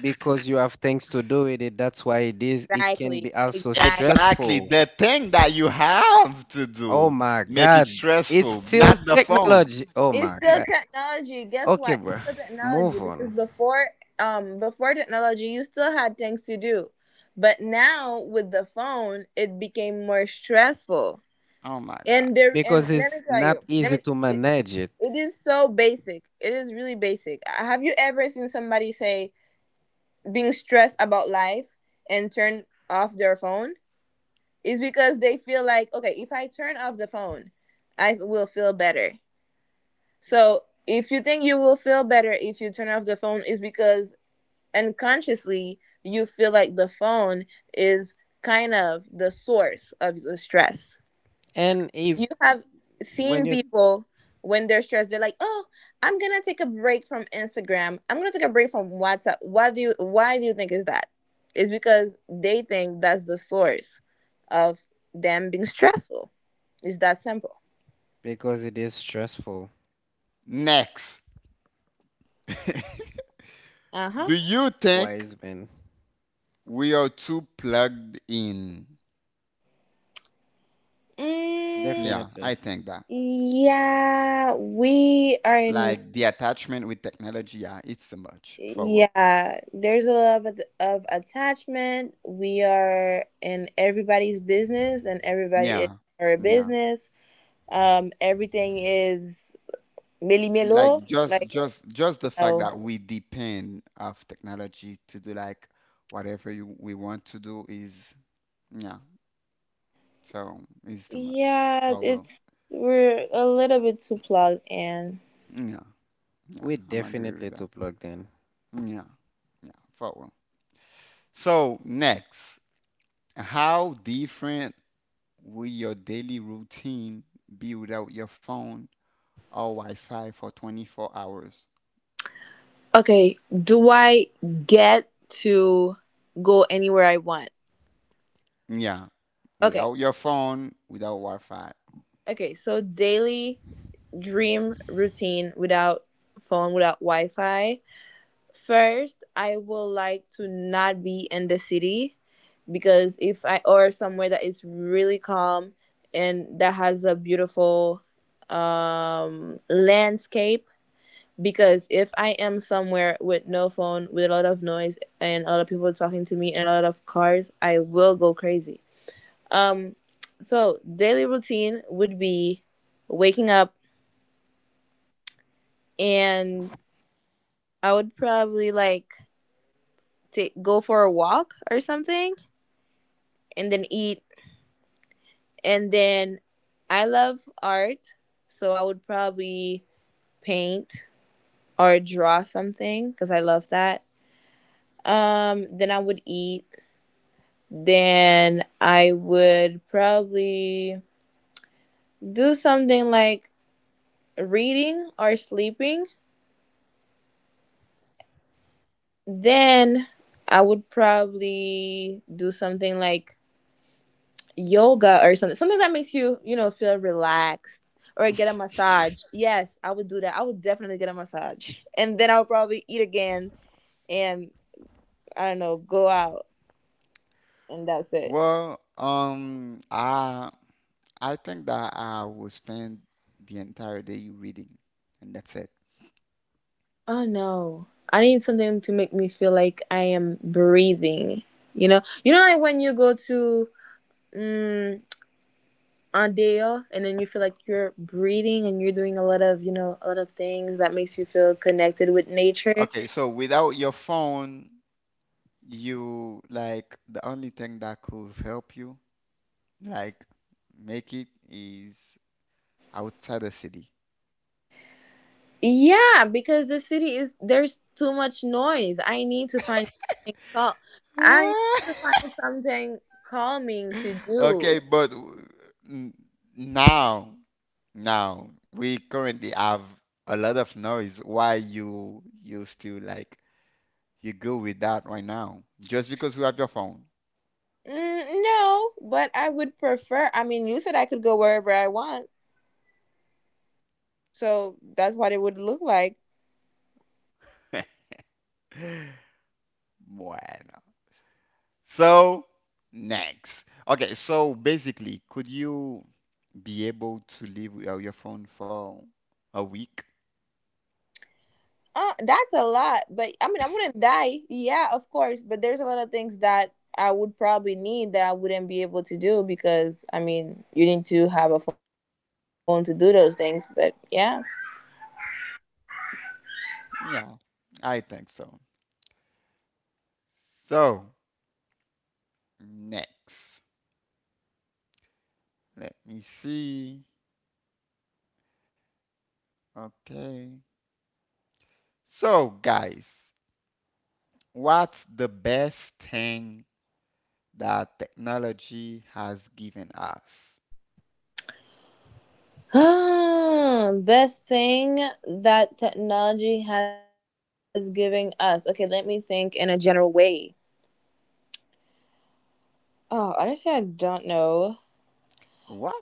because you have things to do with it. That's why it is, it can
exactly,
be also
exactly.
Exactly,
stressful.
the thing that you have to
Oh
do
my
make it
God. It's
stressful,
still
not the phone.
technology. Oh
It's
my
still
God.
technology. Guess
Okay,
what?
bro.
It's still technology,
Move
because
on
before, before technology you still had things to do. But now with the phone it became more stressful.
Oh my god.
And there and
because
Let me
it's
tell
not
you,
easy to
it,
manage it.
it is so basic. It is really basic. Have you ever seen somebody say being stressed about life and turn off their phone? It's because they feel like, okay, if I turn off the phone, I will feel better. So if you think you will feel better if you turn off the phone, is because unconsciously you feel like the phone is kind of the source of the stress.
And if
You have
when
seen
you
people when they're stressed, they're like, "Oh, I'm gonna take a break from Instagram. I'm gonna take a break from WhatsApp." Why do you think is that? It's because they think that's the source of them being stressful. It's that simple.
because it is stressful.
Next. [LAUGHS]
Uh huh.
Do you think
Wise men.
we are too plugged in?
Mm,
Yeah,
Definitely.
I think that.
yeah, we are.
Like the attachment with technology, yeah, it's too much for wo-
Yeah, there's a lot of attachment. We are in everybody's business, and everybody is
Yeah,
our
yeah.
business. Everything is milli melo.
Like just
Like,
just just the fact
no,
that we depend of technology to do like whatever we want to do is yeah. So it's too much
yeah,
for wo-
it's, we're a little bit too plugged in.
Yeah, yeah.
We
I'm agree with
definitely to
that.
plug in.
Yeah, yeah. For wo- So next, how different will your daily routine be without your phone or Wi-Fi for 24 hours?
Okay, do I get to go anywhere I want?
Yeah,
Okay,
without your phone, without Wi-Fi.
okay. So daily dream routine without phone, without Wi Fi. First, I would like to not be in the city, because if I, or somewhere that is really calm and that has a beautiful landscape. Because if I am somewhere with no phone, with a lot of noise and a lot of people talking to me and a lot of cars, I will go crazy. Um, so daily routine would be waking up, and I would probably like take, go for a walk or something, and then eat, and then, I love art, so I would probably paint or draw something, cuz I love that. Um, then I would eat, then I would probably do something like reading or sleeping. Then I would probably do something like yoga or something, something that makes you, you know, feel relaxed, or get a massage. Yes, I would do that. I would definitely get a massage. And then I would probably eat again and, I don't know, go out, and that's it.
Well, I think that I will spend the entire day reading, and that's it.
Oh no. I need something to make me feel like I am breathing. You know, like when you go to um, Andeo, and then you feel like you're breathing and you're doing a lot of, you know, a lot of things that makes you feel connected with nature.
Okay, so without your phone, you like the only thing that could help you, like make it is outside the city.
Yeah, because the city, is there's too much noise. I need to find something, I need to find
[LAUGHS]
something calming to do.
Okay, but w- n- now, now we currently have a lot of noise. Why you still like you go with that right now? Just because you have your phone. [LAUGHS]
Mm, no, but I would prefer. I mean, you said I could go wherever I want, so that's what it would look like.
Bueno. So next. Okay, so basically, could you be able to live without your phone for a week?
That's a lot, but I mean, I wouldn't die. Yeah, of course, but there's a lot of things that I would probably need that I wouldn't be able to do, because I mean, you need to have a phone to do those things. But yeah.
Yeah, I think so. So next. Let me see. Okay. So, guys, what's the best thing that technology has given us?
[SIGHS] Best thing that technology has given us. Okay, let me think in a general way. Oh, honestly, I don't know.
What?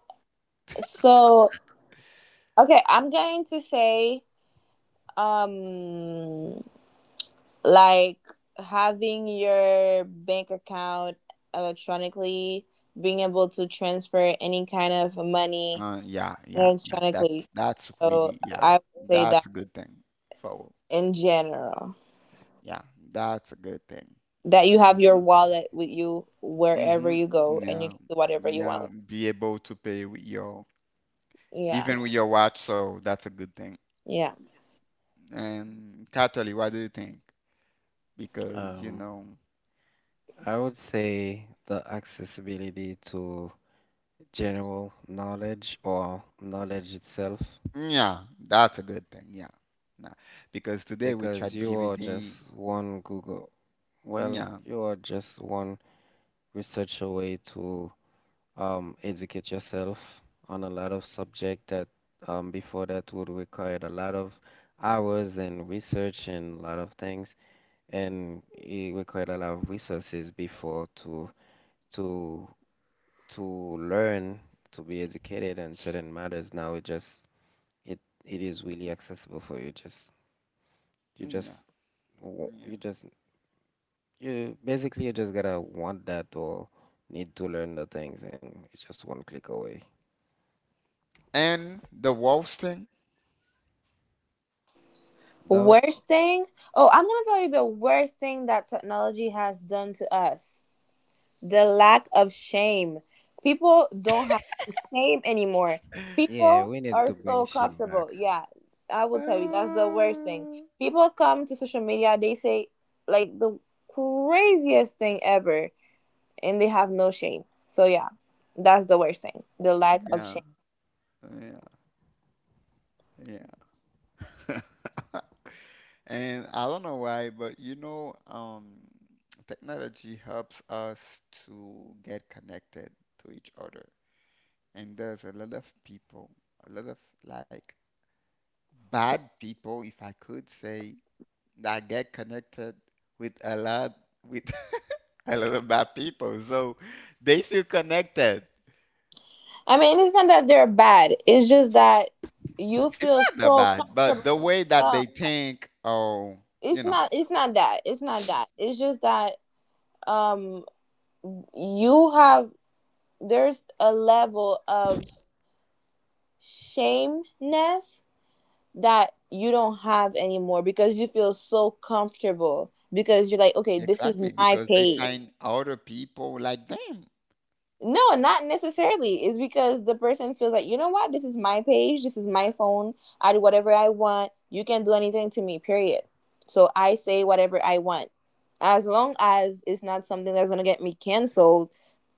So, okay, I'm going to say, um, like having your bank account electronically, being able to transfer any kind of money
Yeah, yeah, yeah.
electronically.
That's really
So,
yeah.
I would say
That's a
that
good thing. So,
in general.
yeah, that's a good thing.
That you have your
Hmm.
wallet with you wherever
Hmm.
you go and you
Yeah,
can do whatever you
yeah.
want.
Be able to pay with your
Yeah.
even with your watch, so that's a good thing.
Yeah.
And Catholic, what do you think? Because you
Um,
know.
I would say the accessibility to general knowledge or knowledge itself,
Yeah, that's a good thing. Yeah. Nah, because today with
because you are
ChatGPT,
just one Google, well,
yeah,
you are just one research away to educate yourself on a lot of subject that before that would require a lot of hours and research and a lot of things, and it required a lot of resources before to to learn to be educated on certain matters. Now it just it it is really accessible for you. Just you
yeah,
just wa-
yeah.
you just you basically you just gotta want that or need to learn the things, and it's just one click away.
And the worst thing,
Though,
Worst thing? Oh, I'm going to tell you the worst thing that technology has done to us. The lack of shame. People don't have shame anymore.
yeah,
People
we
are
need to
so
bring shame
comfortable.
back.
Yeah. I will tell you that's
uh,
the worst thing. People come to social media, they say like the craziest thing ever and they have no shame. So yeah, that's the worst thing. The lack of
yeah,
shame.
yeah, yeah. [LAUGHS] And I don't know why, but you know, technology helps us to get connected to each other. And there's a lot of people, a lot of like bad people, if I could say, I get connected with a lot with [LAUGHS] a lot of bad people. So they feel connected.
I mean, it's not that they're bad. It's just that you
It's
feel
not that
so
bad, but
comfortable.
the way that
Yeah.
they think, oh,
It's
you know,
not it's not that. It's not that. It's just that um you have there's a level of shameness that you don't have anymore because you feel so comfortable because you're like, okay, this is
exactly
my
because they
page.
find other people like them.
No, not necessarily. It's because the person feels like, you know what, this is my page, this is my phone, I do whatever I want, you can do anything to me, period. So I say whatever I want. As long as it's not something that's gonna get me canceled,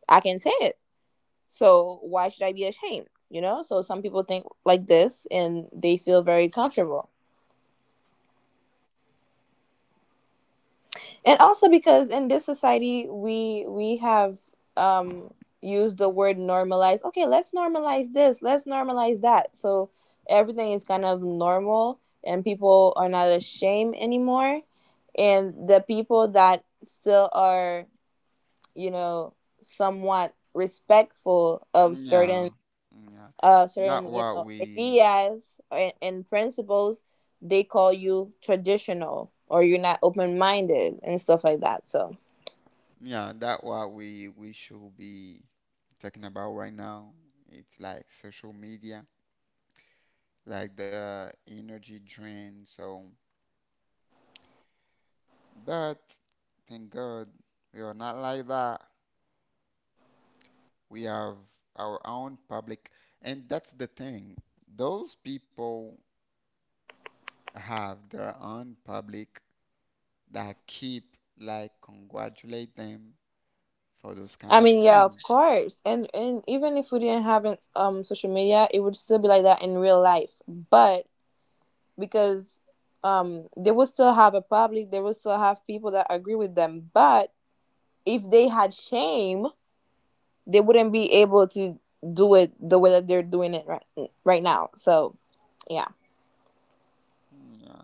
I can say it. So why should I be ashamed? You know? So some people think like this and they feel very comfortable. And also because in this society we have um used the word normalize. Okay, let's normalize this, let's normalize that, so everything is kind of normal and people are not ashamed anymore, and the people that still are, you know, somewhat respectful of certain
Yeah, yeah. That
certain, you know,
what we,
ideas and principles, they call you traditional or you're not open-minded and stuff like that. So
yeah, that what we should be talking about right now. It's like social media, like the energy drain. So. But thank God we are not like that. We have our own public, and that's the thing. Those people have their own public that keep like congratulate them for those
I
kind of
mean, yeah, of
thing.
course. And even if we didn't have social media, it would still be like that in real life. But because they would still have a public, they would still have people that agree with them. But if they had shame, they wouldn't be able to do it the way that they're doing it right now. So yeah.
Yeah.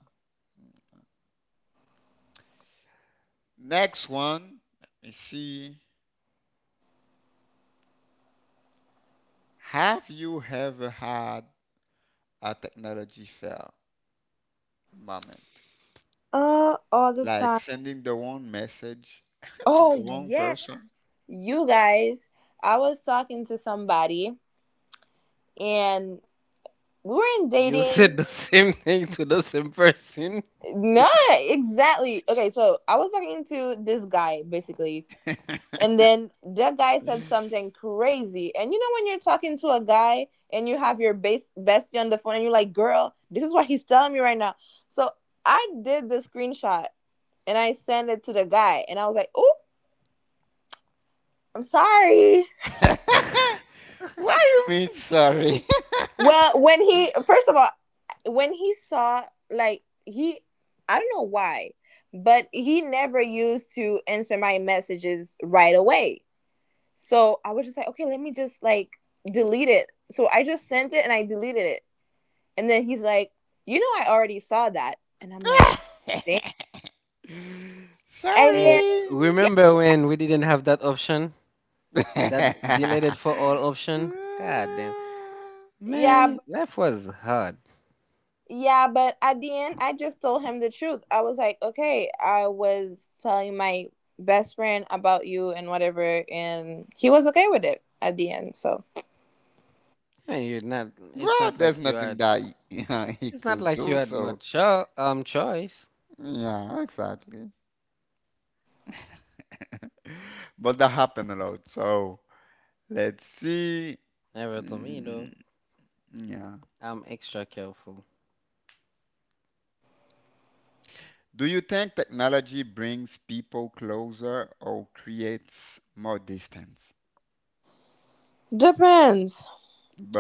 Next one, let me see. Have you ever had a technology fail moment?
All the
Like
time.
sending the wrong message [LAUGHS] to the
Oh
wrong
yes,
person?
you guys. I was talking to somebody and we weren't
You said the [LAUGHS]
dating.
same thing to the same person.
No, exactly. Okay, so I was talking to this guy basically,
[LAUGHS]
and then that guy said something crazy. And you know when you're talking to a guy and you have your base bestie on the phone and you're like, "Girl, this is what he's telling me right now." So I did the screenshot and I sent it to the guy, and I was like, "Oh, I'm sorry."
[LAUGHS]
[LAUGHS] Why you mean sorry?
Well, when he first of all, when he saw, like he, I don't know why, but he never used to answer my messages right away. So I was just like, okay, let me just like delete it. So I just sent it and I deleted it. And then he's like, you know, I already saw that. And I'm like, dang.
[LAUGHS]
And
Eh,
then,
Sorry.
yeah,
remember
I-
when we didn't have that option? That deleted
[LAUGHS]
for all option? God damn.
yeah,
Man,
but,
life was hard.
yeah. But at the end, I just told him the truth. I was like, okay, I was telling my best friend about you and whatever. And he was okay with it at the end. So
I mean, you're not it's
Well,
not
there's
like you
nothing
had
that he, [LAUGHS] he could do. So
much choice.
yeah, exactly. But that happened a lot. So let's see.
Never to me
Mm,
though.
yeah.
I'm extra careful.
Do you think technology brings people closer or creates more distance?
depends.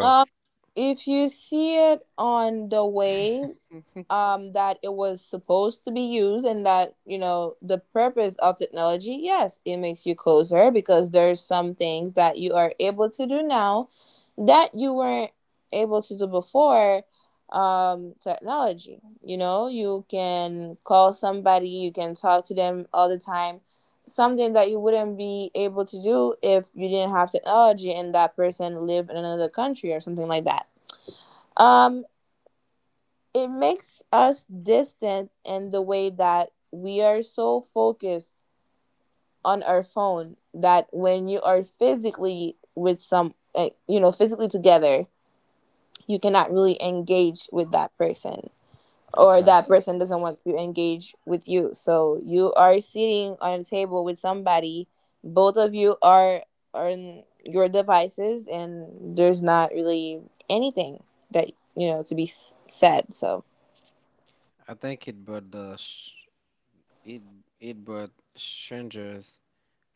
Um, if you see it on the way
[LAUGHS]
that it was supposed to be used, and that, you know, the purpose of technology, yes it makes you closer because there's some things that you are able to do now that you weren't able to do before technology. You know, you can call somebody, you can talk to them all the time, something that you wouldn't be able to do if you didn't have technology and that person lived in another country or something like that. um it makes us distant in the way that we are so focused on our phone that when you are physically with you know, physically together, you cannot really engage with that person, or that
Exactly.
person doesn't want to engage with you, so you are sitting on a table with somebody, both of you are on your devices and there's not really anything that, you know, to be said. So
I think it brought the sh- it it brought strangers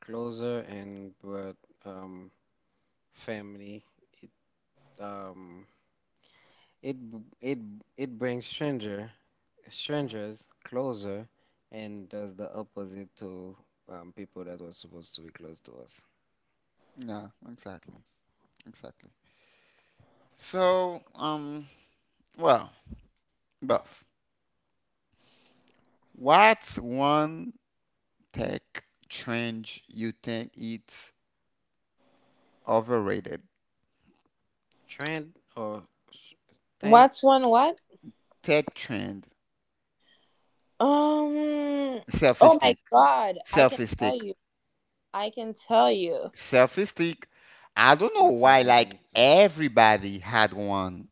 closer and brought um family. It um it brings strangers closer and does the opposite to people that were supposed to be close to us.
Yeah, exactly. Exactly. So, well, Buff, what's one tech trend you think it's overrated?
Trend or sh- thing?
what's one what
Tech trend,
Um.
selfie
Oh my
stick,
God! I can
selfie
tell
stick,
you. I can tell you.
selfie stick. I don't know
That's a
why,
good
like,
answer.
everybody had one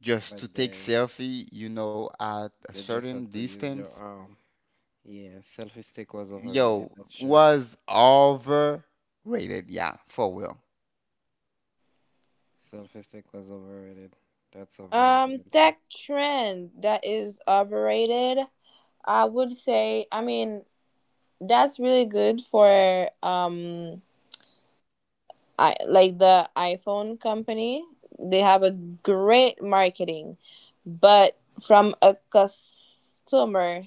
just
Back
to take
there,
selfie, you know, at a
you just
certain
had to use your
distance.
arm. Yeah, selfie stick was overrated.
Yo,
That's true.
was overrated. Yeah, for real.
Selfie stick was overrated. That's a very good answer.
That trend that is overrated. I would say. I mean, that's really good for. I like the iPhone company. They have a great marketing, but from a customer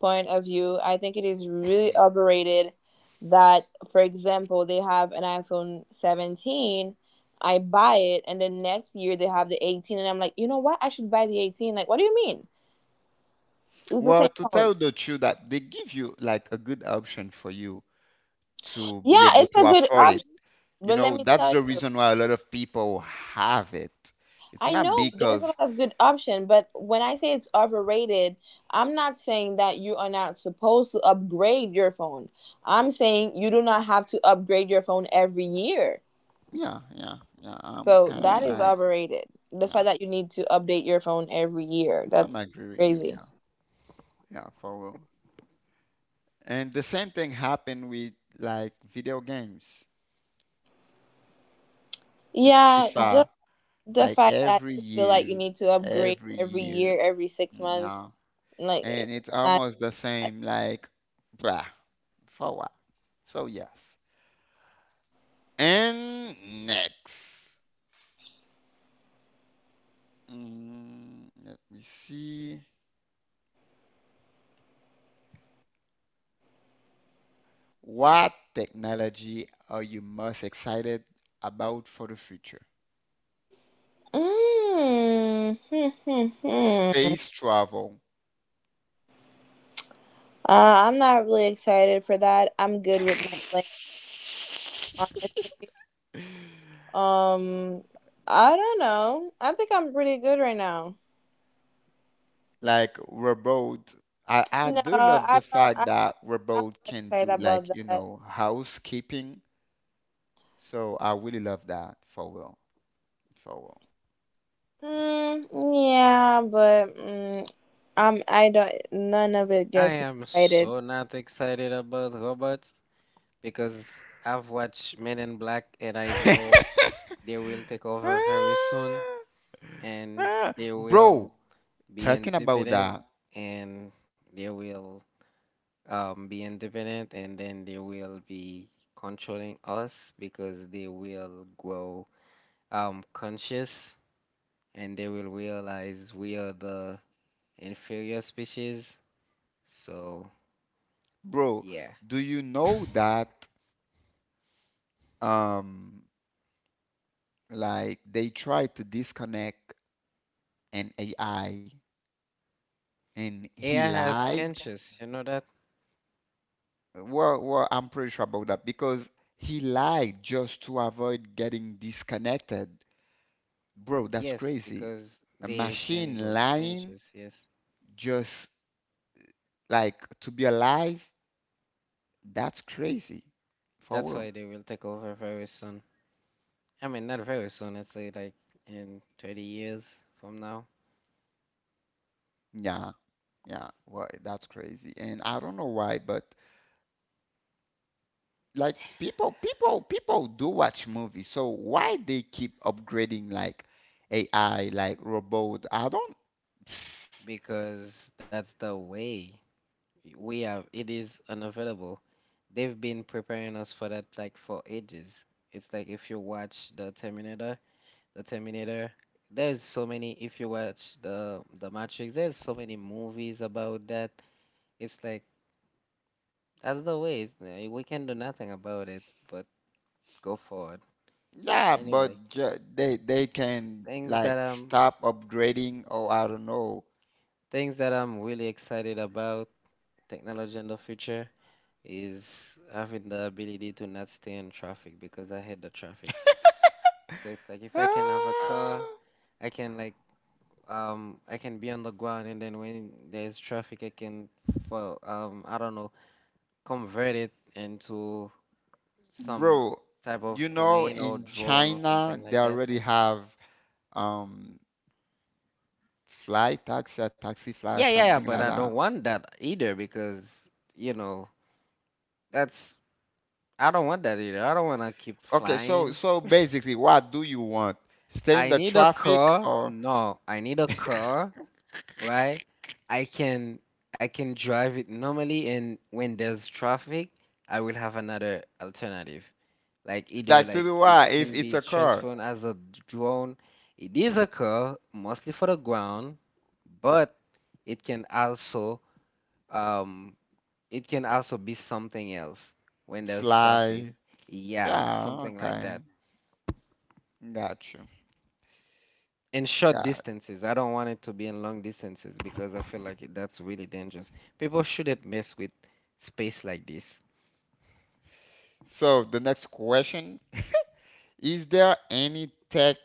point of view, I think it is really overrated that, for example, they have an iPhone 17, I buy it, and then next year they have the 18, and I'm like, you know what? I should buy the 18. Like, what do you mean? It's the
Well,
same
to
phone.
tell the truth, that they give you like a good option for you to be
Yeah,
able
it's
to
a good
afford it.
option,
You
but let
know,
me
that's
tell
the
you,
reason why a lot of people have it. It's
I
not
know there's
because,
a lot of good option, but when I say it's overrated, I'm not saying that you are not supposed to upgrade your phone. I'm saying you do not have to upgrade your phone every year.
yeah, yeah, yeah, I'm
So
kind of
that is
like,
overrated. The
yeah,
fact that you need to update your phone every year,
I'm
that's
agree with you, yeah,
crazy.
yeah, for real. And the same thing happened with like video games, with
Yeah,
FIFA,
just the
like
fact that you feel like you need to upgrade
every
every
year,
year, every six
yeah.
months, like
And
it's
it's
not.
almost the same like blah for what, so yes, and next, let me see, what technology are you most excited about for the future?
Mm, hmm, hmm, hmm.
Space travel.
I'm not really excited for that. I'm good with my plane,
[LAUGHS]
honestly. Um, I don't know. I think I'm pretty good right now.
Like robot, I
No,
do love
I
the
don't. I,
fact that
I'm not
robot can
excited
do
about
like you
that.
know housekeeping. So I really love that for real. For
Mm, yeah, but I don't. None of it
I
gets me
am
excited
so not excited about robots because I've watched Men in Black and I
real.
know they will take over very soon, and they
[LAUGHS]
will
Bro,
be
talking about
independent
that,
and they will be independent and then they will be controlling us because they will grow conscious and they will realize we are the inferior species. So,
bro,
yeah.
do you know that um like they tried to disconnect an AI and
AI [LAUGHS]
he
has
lied?
conscious, you know that?
Well, well, I'm pretty sure about that because he lied just to avoid getting disconnected. Bro, that's
Yes,
crazy.
because
A
they can
machine
grow
lying
conscious, yes.
just like to be alive, that's crazy. For
That's why
real.
they will take over very soon. I mean, not very soon, I'd say like in 30 years from now,
Yeah, yeah. Well, that's crazy. And I don't know why, but like people do watch movies. So why they keep upgrading like AI, like robot? I don't. [SIGHS]
because that's the way we have it is unavoidable. They've been preparing us for that like for ages. It's like if you watch the Terminator, there's so many if you watch the Matrix, there's so many movies about that. It's like that's the way. We can do nothing about it but go forward.
Yeah,
Anyway,
but ju- they can
things that
like
I'm
stop upgrading or I don't know.
things that I'm really excited about technology in the future is having the ability to not stay in traffic because I hate the traffic. So it's like if I can have a car,
Ah,
I can like I can be on the ground and then when there's traffic I can for I don't know, convert it into some
bro,
type of
you know
plane or
in
drone or something
China they
like that.
already have um fly taxi or taxi fly or yeah,
Yeah,
something like
but I
that.
don't want that either because you know that's I don't want that either. I don't want to keep
Okay, so
flying.
so
[LAUGHS]
basically, what do you want? Stay in
I
the
need a
traffic
car.
or
No, I need a
[LAUGHS]
car, right? I can I can drive it normally, and when there's traffic, I will have another alternative. Like either
that to
like
do
it
what if
can
it's
be
a car?
transformed as a drone. It is a car, mostly for the ground, but it can also um it can also be something else when there's traffic.
Fly.
Yeah,
Yeah,
something like
okay.
that.
Got you.
In short
Got it.
distances. I don't want it to be in long distances because I feel like that's really dangerous. People shouldn't mess with space like this.
So the next question, is there any tech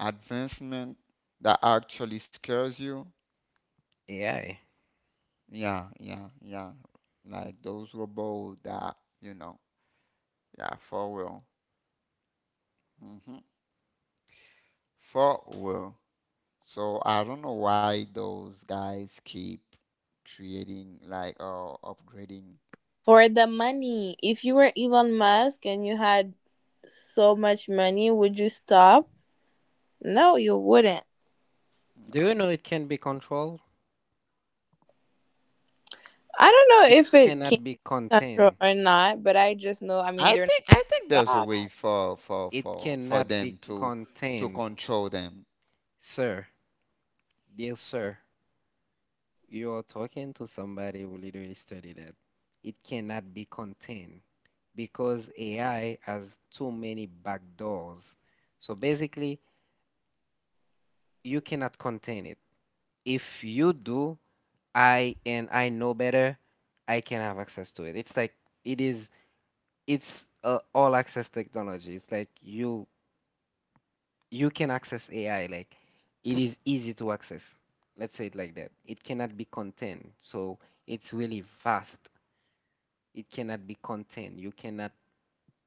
advancement that actually scares you?
AI.
Yeah, yeah, yeah. Like those robots that, you know, yeah, for real. Hmm. For real. So I don't know why those guys keep creating like or upgrading.
for the money. If you were Elon Musk and you had so much money, would you stop? No, you wouldn't.
Do you know it can be controlled?
I don't
It
know if it can
cannot be
be control
contained.
or not, but I just know. I mean, they're not going
I think
to
there's a
stop.
way for for
It
for for
cannot be
them to
contained,
control them.
sir. Dear sir, you're talking to somebody who literally studied that. It cannot be contained because AI has too many backdoors. So basically, you cannot contain it. If you do, I and I know better, I can have access to it. It's like it is it's all access technology. It's like you can access AI. Like it is easy to access. Let's say it like that. It cannot be contained. So it's really vast. It cannot be contained. You cannot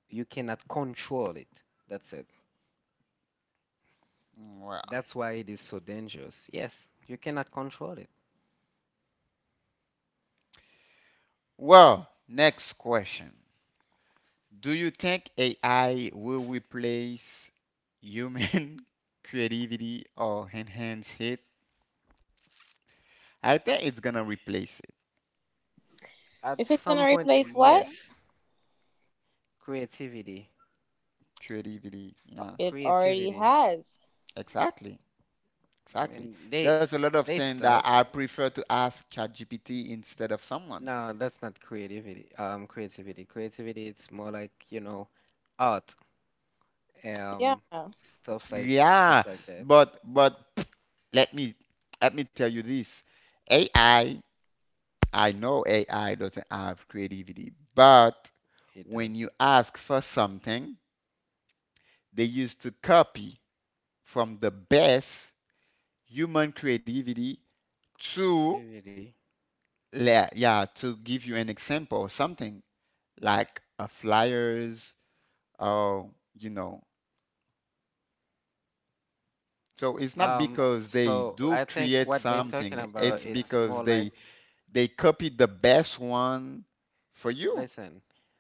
you cannot control it. That's it.
Well,
That's why it is so dangerous. Yes, you cannot control it.
well, next question. Do you think AI will replace human [LAUGHS] creativity or enhance it? I think it's gonna replace it.
At
If it's
some
gonna
point,
replace what
yes, creativity.
Creativity, yeah,
it already
Creativity.
has,
exactly.
And
Exactly.
they
There's a lot of
they
things that
start.
I prefer to ask ChatGPT instead of someone.
No, that's not creativity. Creativity. Creativity. It's more like art. Um,
yeah.
stuff
Yeah,
like that.
but [SNIFFS] [TSK] let me let me tell you this. AI, I know AI doesn't have creativity, but
It
when
does
you ask for something, they used to copy from the best human creativity to
creativity.
le- yeah, to give you an example, something like a flyers or you know. So it's not
Um,
because they
so I
do
think
create
what they're talking
something,
about,
it's
it's
because
more like
they copied the best one for you.
listen,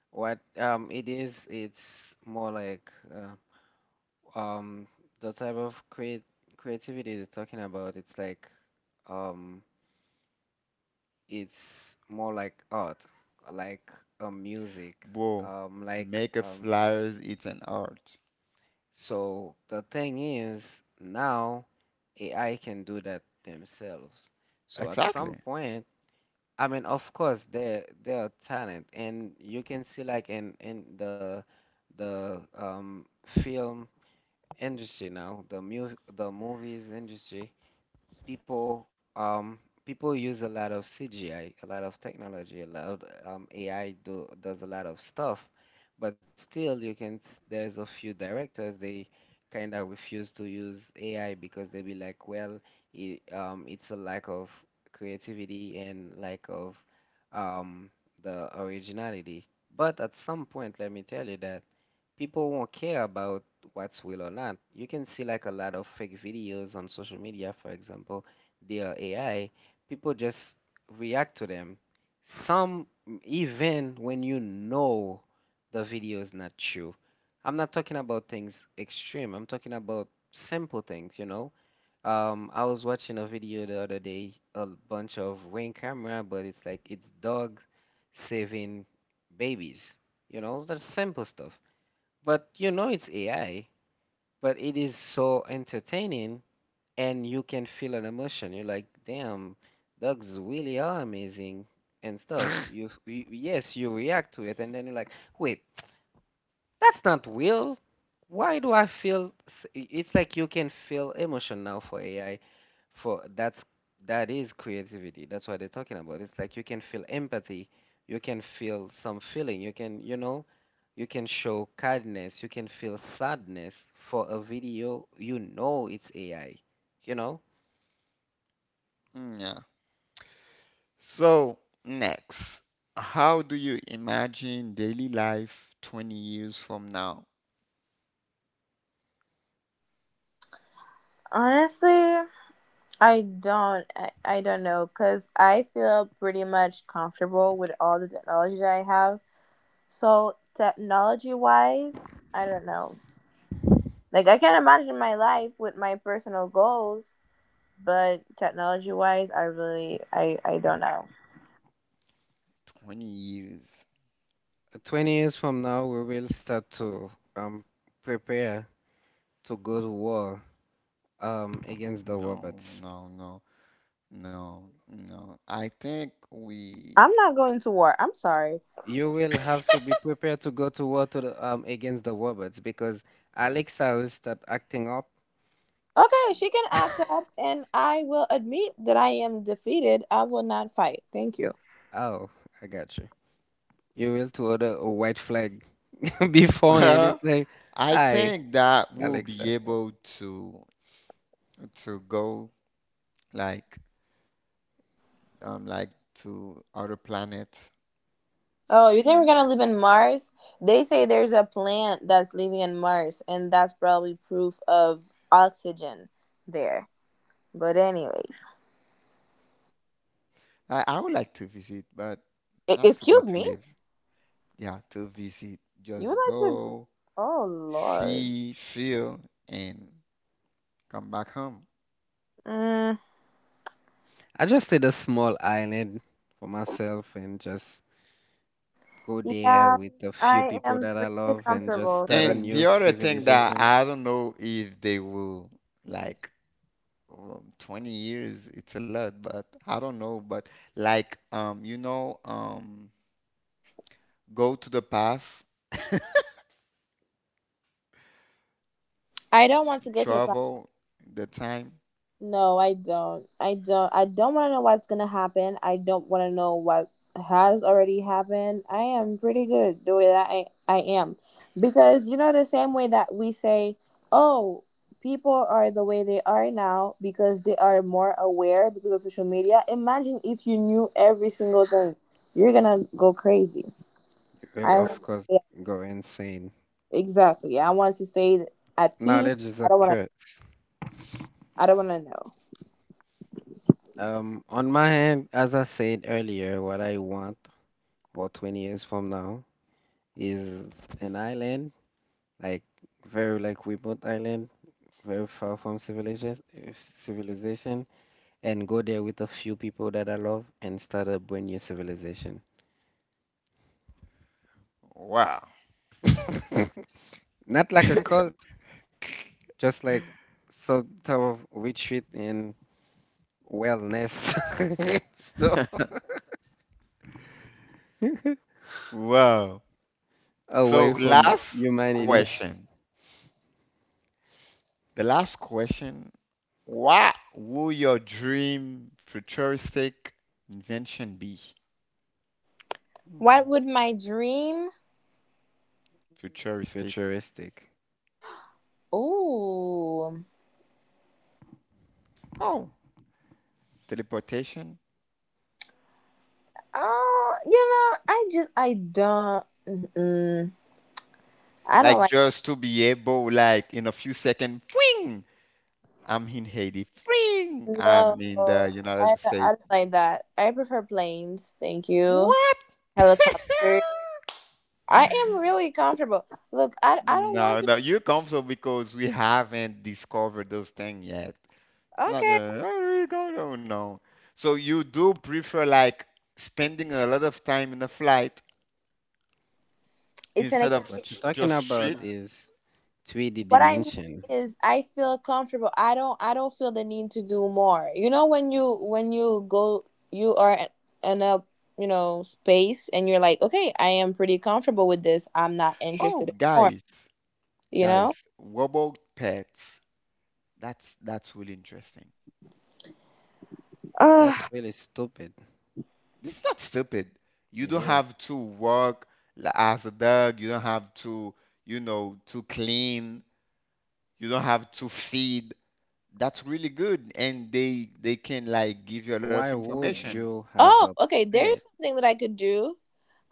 what it is. It's more like um the type of create creativity they're talking about. It's like um it's more like art, like music,
Well,
like
make a flyers, it's an art.
so. The thing is, now AI can do that themselves. So at
Exactly.
some point, I mean, of course, there are talent, and you can see like in the film industry now, the movies industry people people use a lot of CGI, a lot of technology, a lot AI do does a lot of stuff, but still you can there's a few directors they kind of refuse to use AI because they be like, well, it's a lack of creativity and lack of um, the originality. But at some point, let me tell you that people won't care about what's real or not. You can see like a lot of fake videos on social media, for example, they are AI. People just react to them. Some even when you know the video is not true. I'm not talking about things extreme. I'm talking about simple things, you know. I was watching a video the other day, a bunch of rain camera, but it's like it's dogs saving babies. You know, it's the simple stuff. But you know it's AI, but it is so entertaining and you can feel an emotion. You're like, damn, dogs really are amazing and stuff. You yes, you react to it and then you're like, wait, that's not real. Why do I feel it's like you can feel emotion now for AI for that's that is creativity, that's what they're talking about. It's like you can feel empathy, you can feel some feeling, you can you can show kindness, you can feel sadness for a video, you know it's AI, you know.
[LAUGHS] Yeah. So next, how do you imagine daily life 20 years from now?
Honestly. I don't know because I feel pretty much comfortable with all the technology that I have. So technology wise, I don't know. Like I can not imagine my life with my personal goals, but technology wise, I don't know.
20 years.
20 years from now we will start to um prepare to go to war against the
No,
robots.
no, no, no, no. I think we
I'm not going to war. I'm sorry.
You will have to be prepared to go to war to the, against the robots because Alexa will start acting up.
Okay, she can act up,
[LAUGHS]
and I will admit that I am defeated. I will not fight. Thank you.
Oh, I got you. You will to order a white flag [LAUGHS] beforehand. It's like,
[LAUGHS] I
hi,
think that we'll be
Alexa.
able to to go like like to other planets.
Oh, you think we're gonna live in Mars? They say there's a plant that's living in Mars, and that's probably proof of oxygen there. But anyways,
I would like to visit, but not to go
Excuse
to
me.
live. Yeah, to visit.
You would
Just
like to?
go,
Oh Lord.
see, feel, and come back home.
Mm,
I just did a small island for myself and just go there
yeah,
with a few
I
people
am
that I
pretty
love and just
comfortable.
start a
And
new
the other thing that
civilization.
I don't know if they will like 20 years, it's a lot, but I don't know. But like you know, go to the past
I don't want to go to the
travel, the time.
No, I don't. I don't. I don't want to know what's gonna happen. I don't want to know what has already happened. I am pretty good the way that I am, because you know the same way that we say, oh, people are the way they are now because they are more aware because of social media. Imagine if you knew every single thing, you're gonna go crazy.
You will,
I
of
want
course,
Yeah,
go insane.
exactly. I want to stay at peace.
Knowledge is a
I don't want to.
curse.
I don't want to know.
On my hand, as I said earlier, what I want for 20 years from now is an island, like very like remote island, very far from civilization, and go there with a few people that I love and start a brand new civilization.
Wow.
[LAUGHS] Not like a
[LAUGHS]
cult, just like some type of retreat and wellness [LAUGHS] stuff
Wow.
away
So, Wow.
from
Last. Yeah.
humanity.
Question. The last question, what will your dream futuristic invention be?
What would my dream
Futuristic.
Futuristic.
Ooh.
Oh, teleportation.
Oh, you know, I don't. Mm-mm. I don't
Like
like
just to be able, like in a few seconds, fling, I'm in Haiti. Fling,
no.
I'm in the United
I don't, I
States.
don't like that. I prefer planes. Thank you.
What?
Helicopter. I
[LAUGHS]
am really comfortable. Look, I don't want
No,
to.
no, you're comfortable because we haven't discovered those things yet. It's not,
Okay,
oh, we go, no, no. So you do prefer like spending a lot of time in a flight
it's an
But
instead of
what you're
s-
talking
just
about
street?
is 3D
what I mean
dimension.
is I feel comfortable. I don't feel the need to do more. You know when you go, you are in a, you know, space and you're like, okay, I am pretty comfortable with this. I'm not interested
Oh,
in more.
guys,
You know?
guys, what about pets? That's really interesting.
Uh,
That's really stupid.
It's not stupid. You
It
don't
is.
have to work li- as a dog. You don't have to, you know, to clean. You don't have to feed. That's really good, and they can like give you a lot of
Why would
information.
you have
oh,
a
okay. There's
pet?
something that I could do.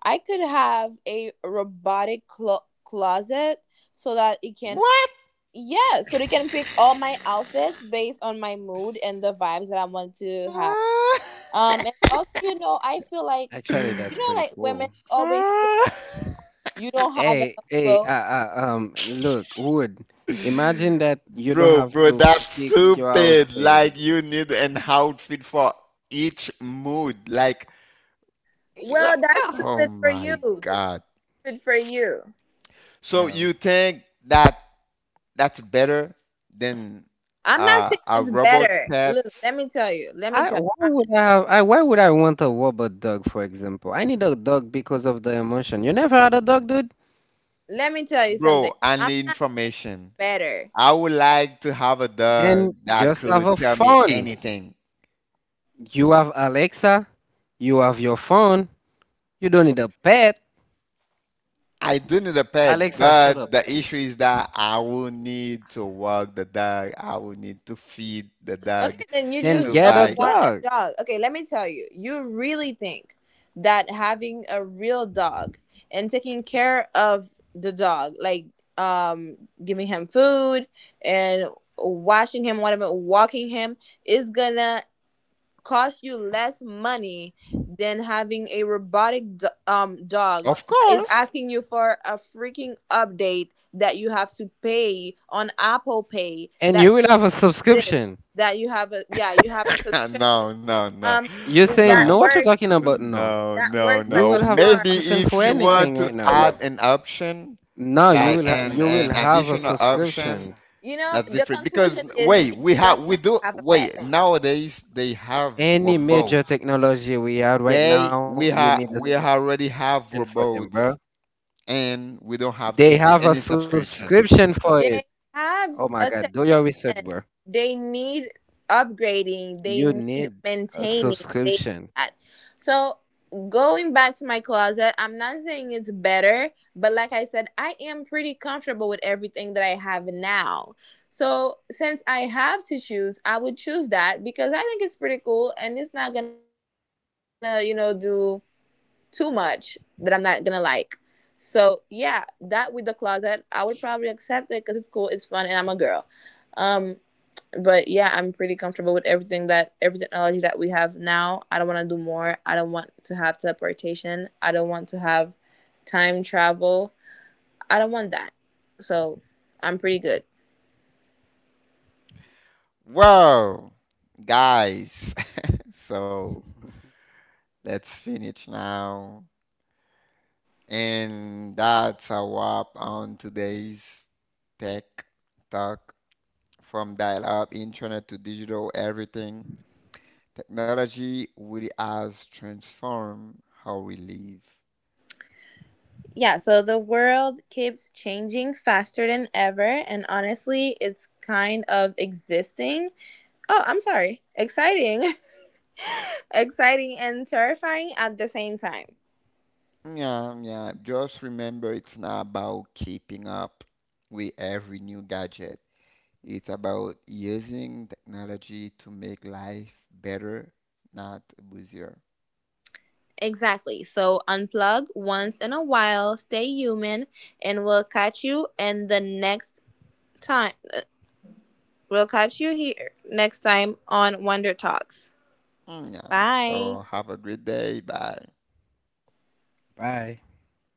I could have a robotic closet so that it can
What?
yeah, so they can pick all my
[LAUGHS]
outfits based on my mood and the vibes that I want to have. And also, you know, I feel like,
Actually, that's pretty
like women
cool.
always feel like you don't have
Hey,
enough
hey,
clothes.
look, Wood, imagine that you don't
Bro,
have
bro,
to
that's
pick your
stupid.
outfit.
Like you need an outfit for each mood. Like, [LAUGHS] you-
Well, that's
oh
stupid for
my
you.
God.
Stupid for you.
So
Well,
you think that that's better than
I'm not saying
a
it's
robot
better. Look,
pet?
let me tell you. Let me
I
tell
why
you.
would I have, I why would I want a robot dog, for example? I need a dog because of the emotion. You never had a dog, dude?
Let me tell you something.
Bro, I
I'm
need
not saying
information.
it's better.
I would like to have a
Then
dog that
just have
could
a
tell me
phone.
anything.
You have Alexa, you have your phone, you don't need a pet.
I do need a pet,
Alexa, shut up.
but the issue is that I will need to walk the dog. I will need to feed the
Okay,
dog
then you
Then
just
to
get a
don't
buy.
want a
dog,
dog. Okay, let me tell you. You really think that having a real dog and taking care of the dog, like um giving him food and washing him, whatever, walking him, is gonna cost you less money than having a robotic dog
Of
that is
course.
asking you for a freaking update, that you have to pay on Apple Pay,
and
that
you will
you
have a
have to do this,
subscription.
that you have a
[LAUGHS]
subscription,
No, no, no.
um
You're saying
No,
no,
that
what you're
works
talking about? No.
no,
that
no,
works like
You
no.
a
will have
car.
Maybe
subscription
if
for
you want
anything
to
right now.
add an option,
No,
like
you will
an
have a
additional option,
subscription.
You know
that's
the
different.
conclusion
Because
is
wait,
you
we
don't
have
want
we do
to have a pet.
wait nowadays they have
Any major
robots.
technology we have right
They
now,
We
you need
have
a
we
subscription
already
for them,
have
bro.
robots, and we don't have to
They
pay
have
any
a
subscription.
subscription for it.
They have
Oh my
a
God, do your
technician.
research, bro.
They need upgrading. They
You
need
need a
maintaining. They need that.
subscription.
So going back to my closet, I'm not saying it's better, but like I said, I am pretty comfortable with everything that I have now. So since I have to choose, I would choose that because I think it's pretty cool and it's not gonna, do too much that I'm not gonna like. So yeah, that with the closet, I would probably accept it because it's cool, it's fun, and I'm a girl. Um, but yeah, I'm pretty comfortable with every technology that we have now. I don't want to do more. I don't want to have teleportation. I don't want to have time travel. I don't want that. So I'm pretty good.
Wow, guys. [LAUGHS] So
[LAUGHS]
let's finish now. And that's a wrap on today's Tech Talk, from dial up internet to digital everything. Technology really has transformed how we live.
Yeah, so the world keeps changing faster than ever, and honestly, it's kind of existing. Oh, I'm sorry. Exciting. [LAUGHS] Exciting and terrifying at the same time.
Yeah, yeah. Just remember it's not about keeping up with every new gadget. It's about using technology to make life better, not busier.
Exactly. So unplug once in a while, stay human, and we'll catch you in the next time. We'll catch you here next time on Wonder Talks.
Mm. Yeah. So
Bye.
have a great day. Bye.
Bye.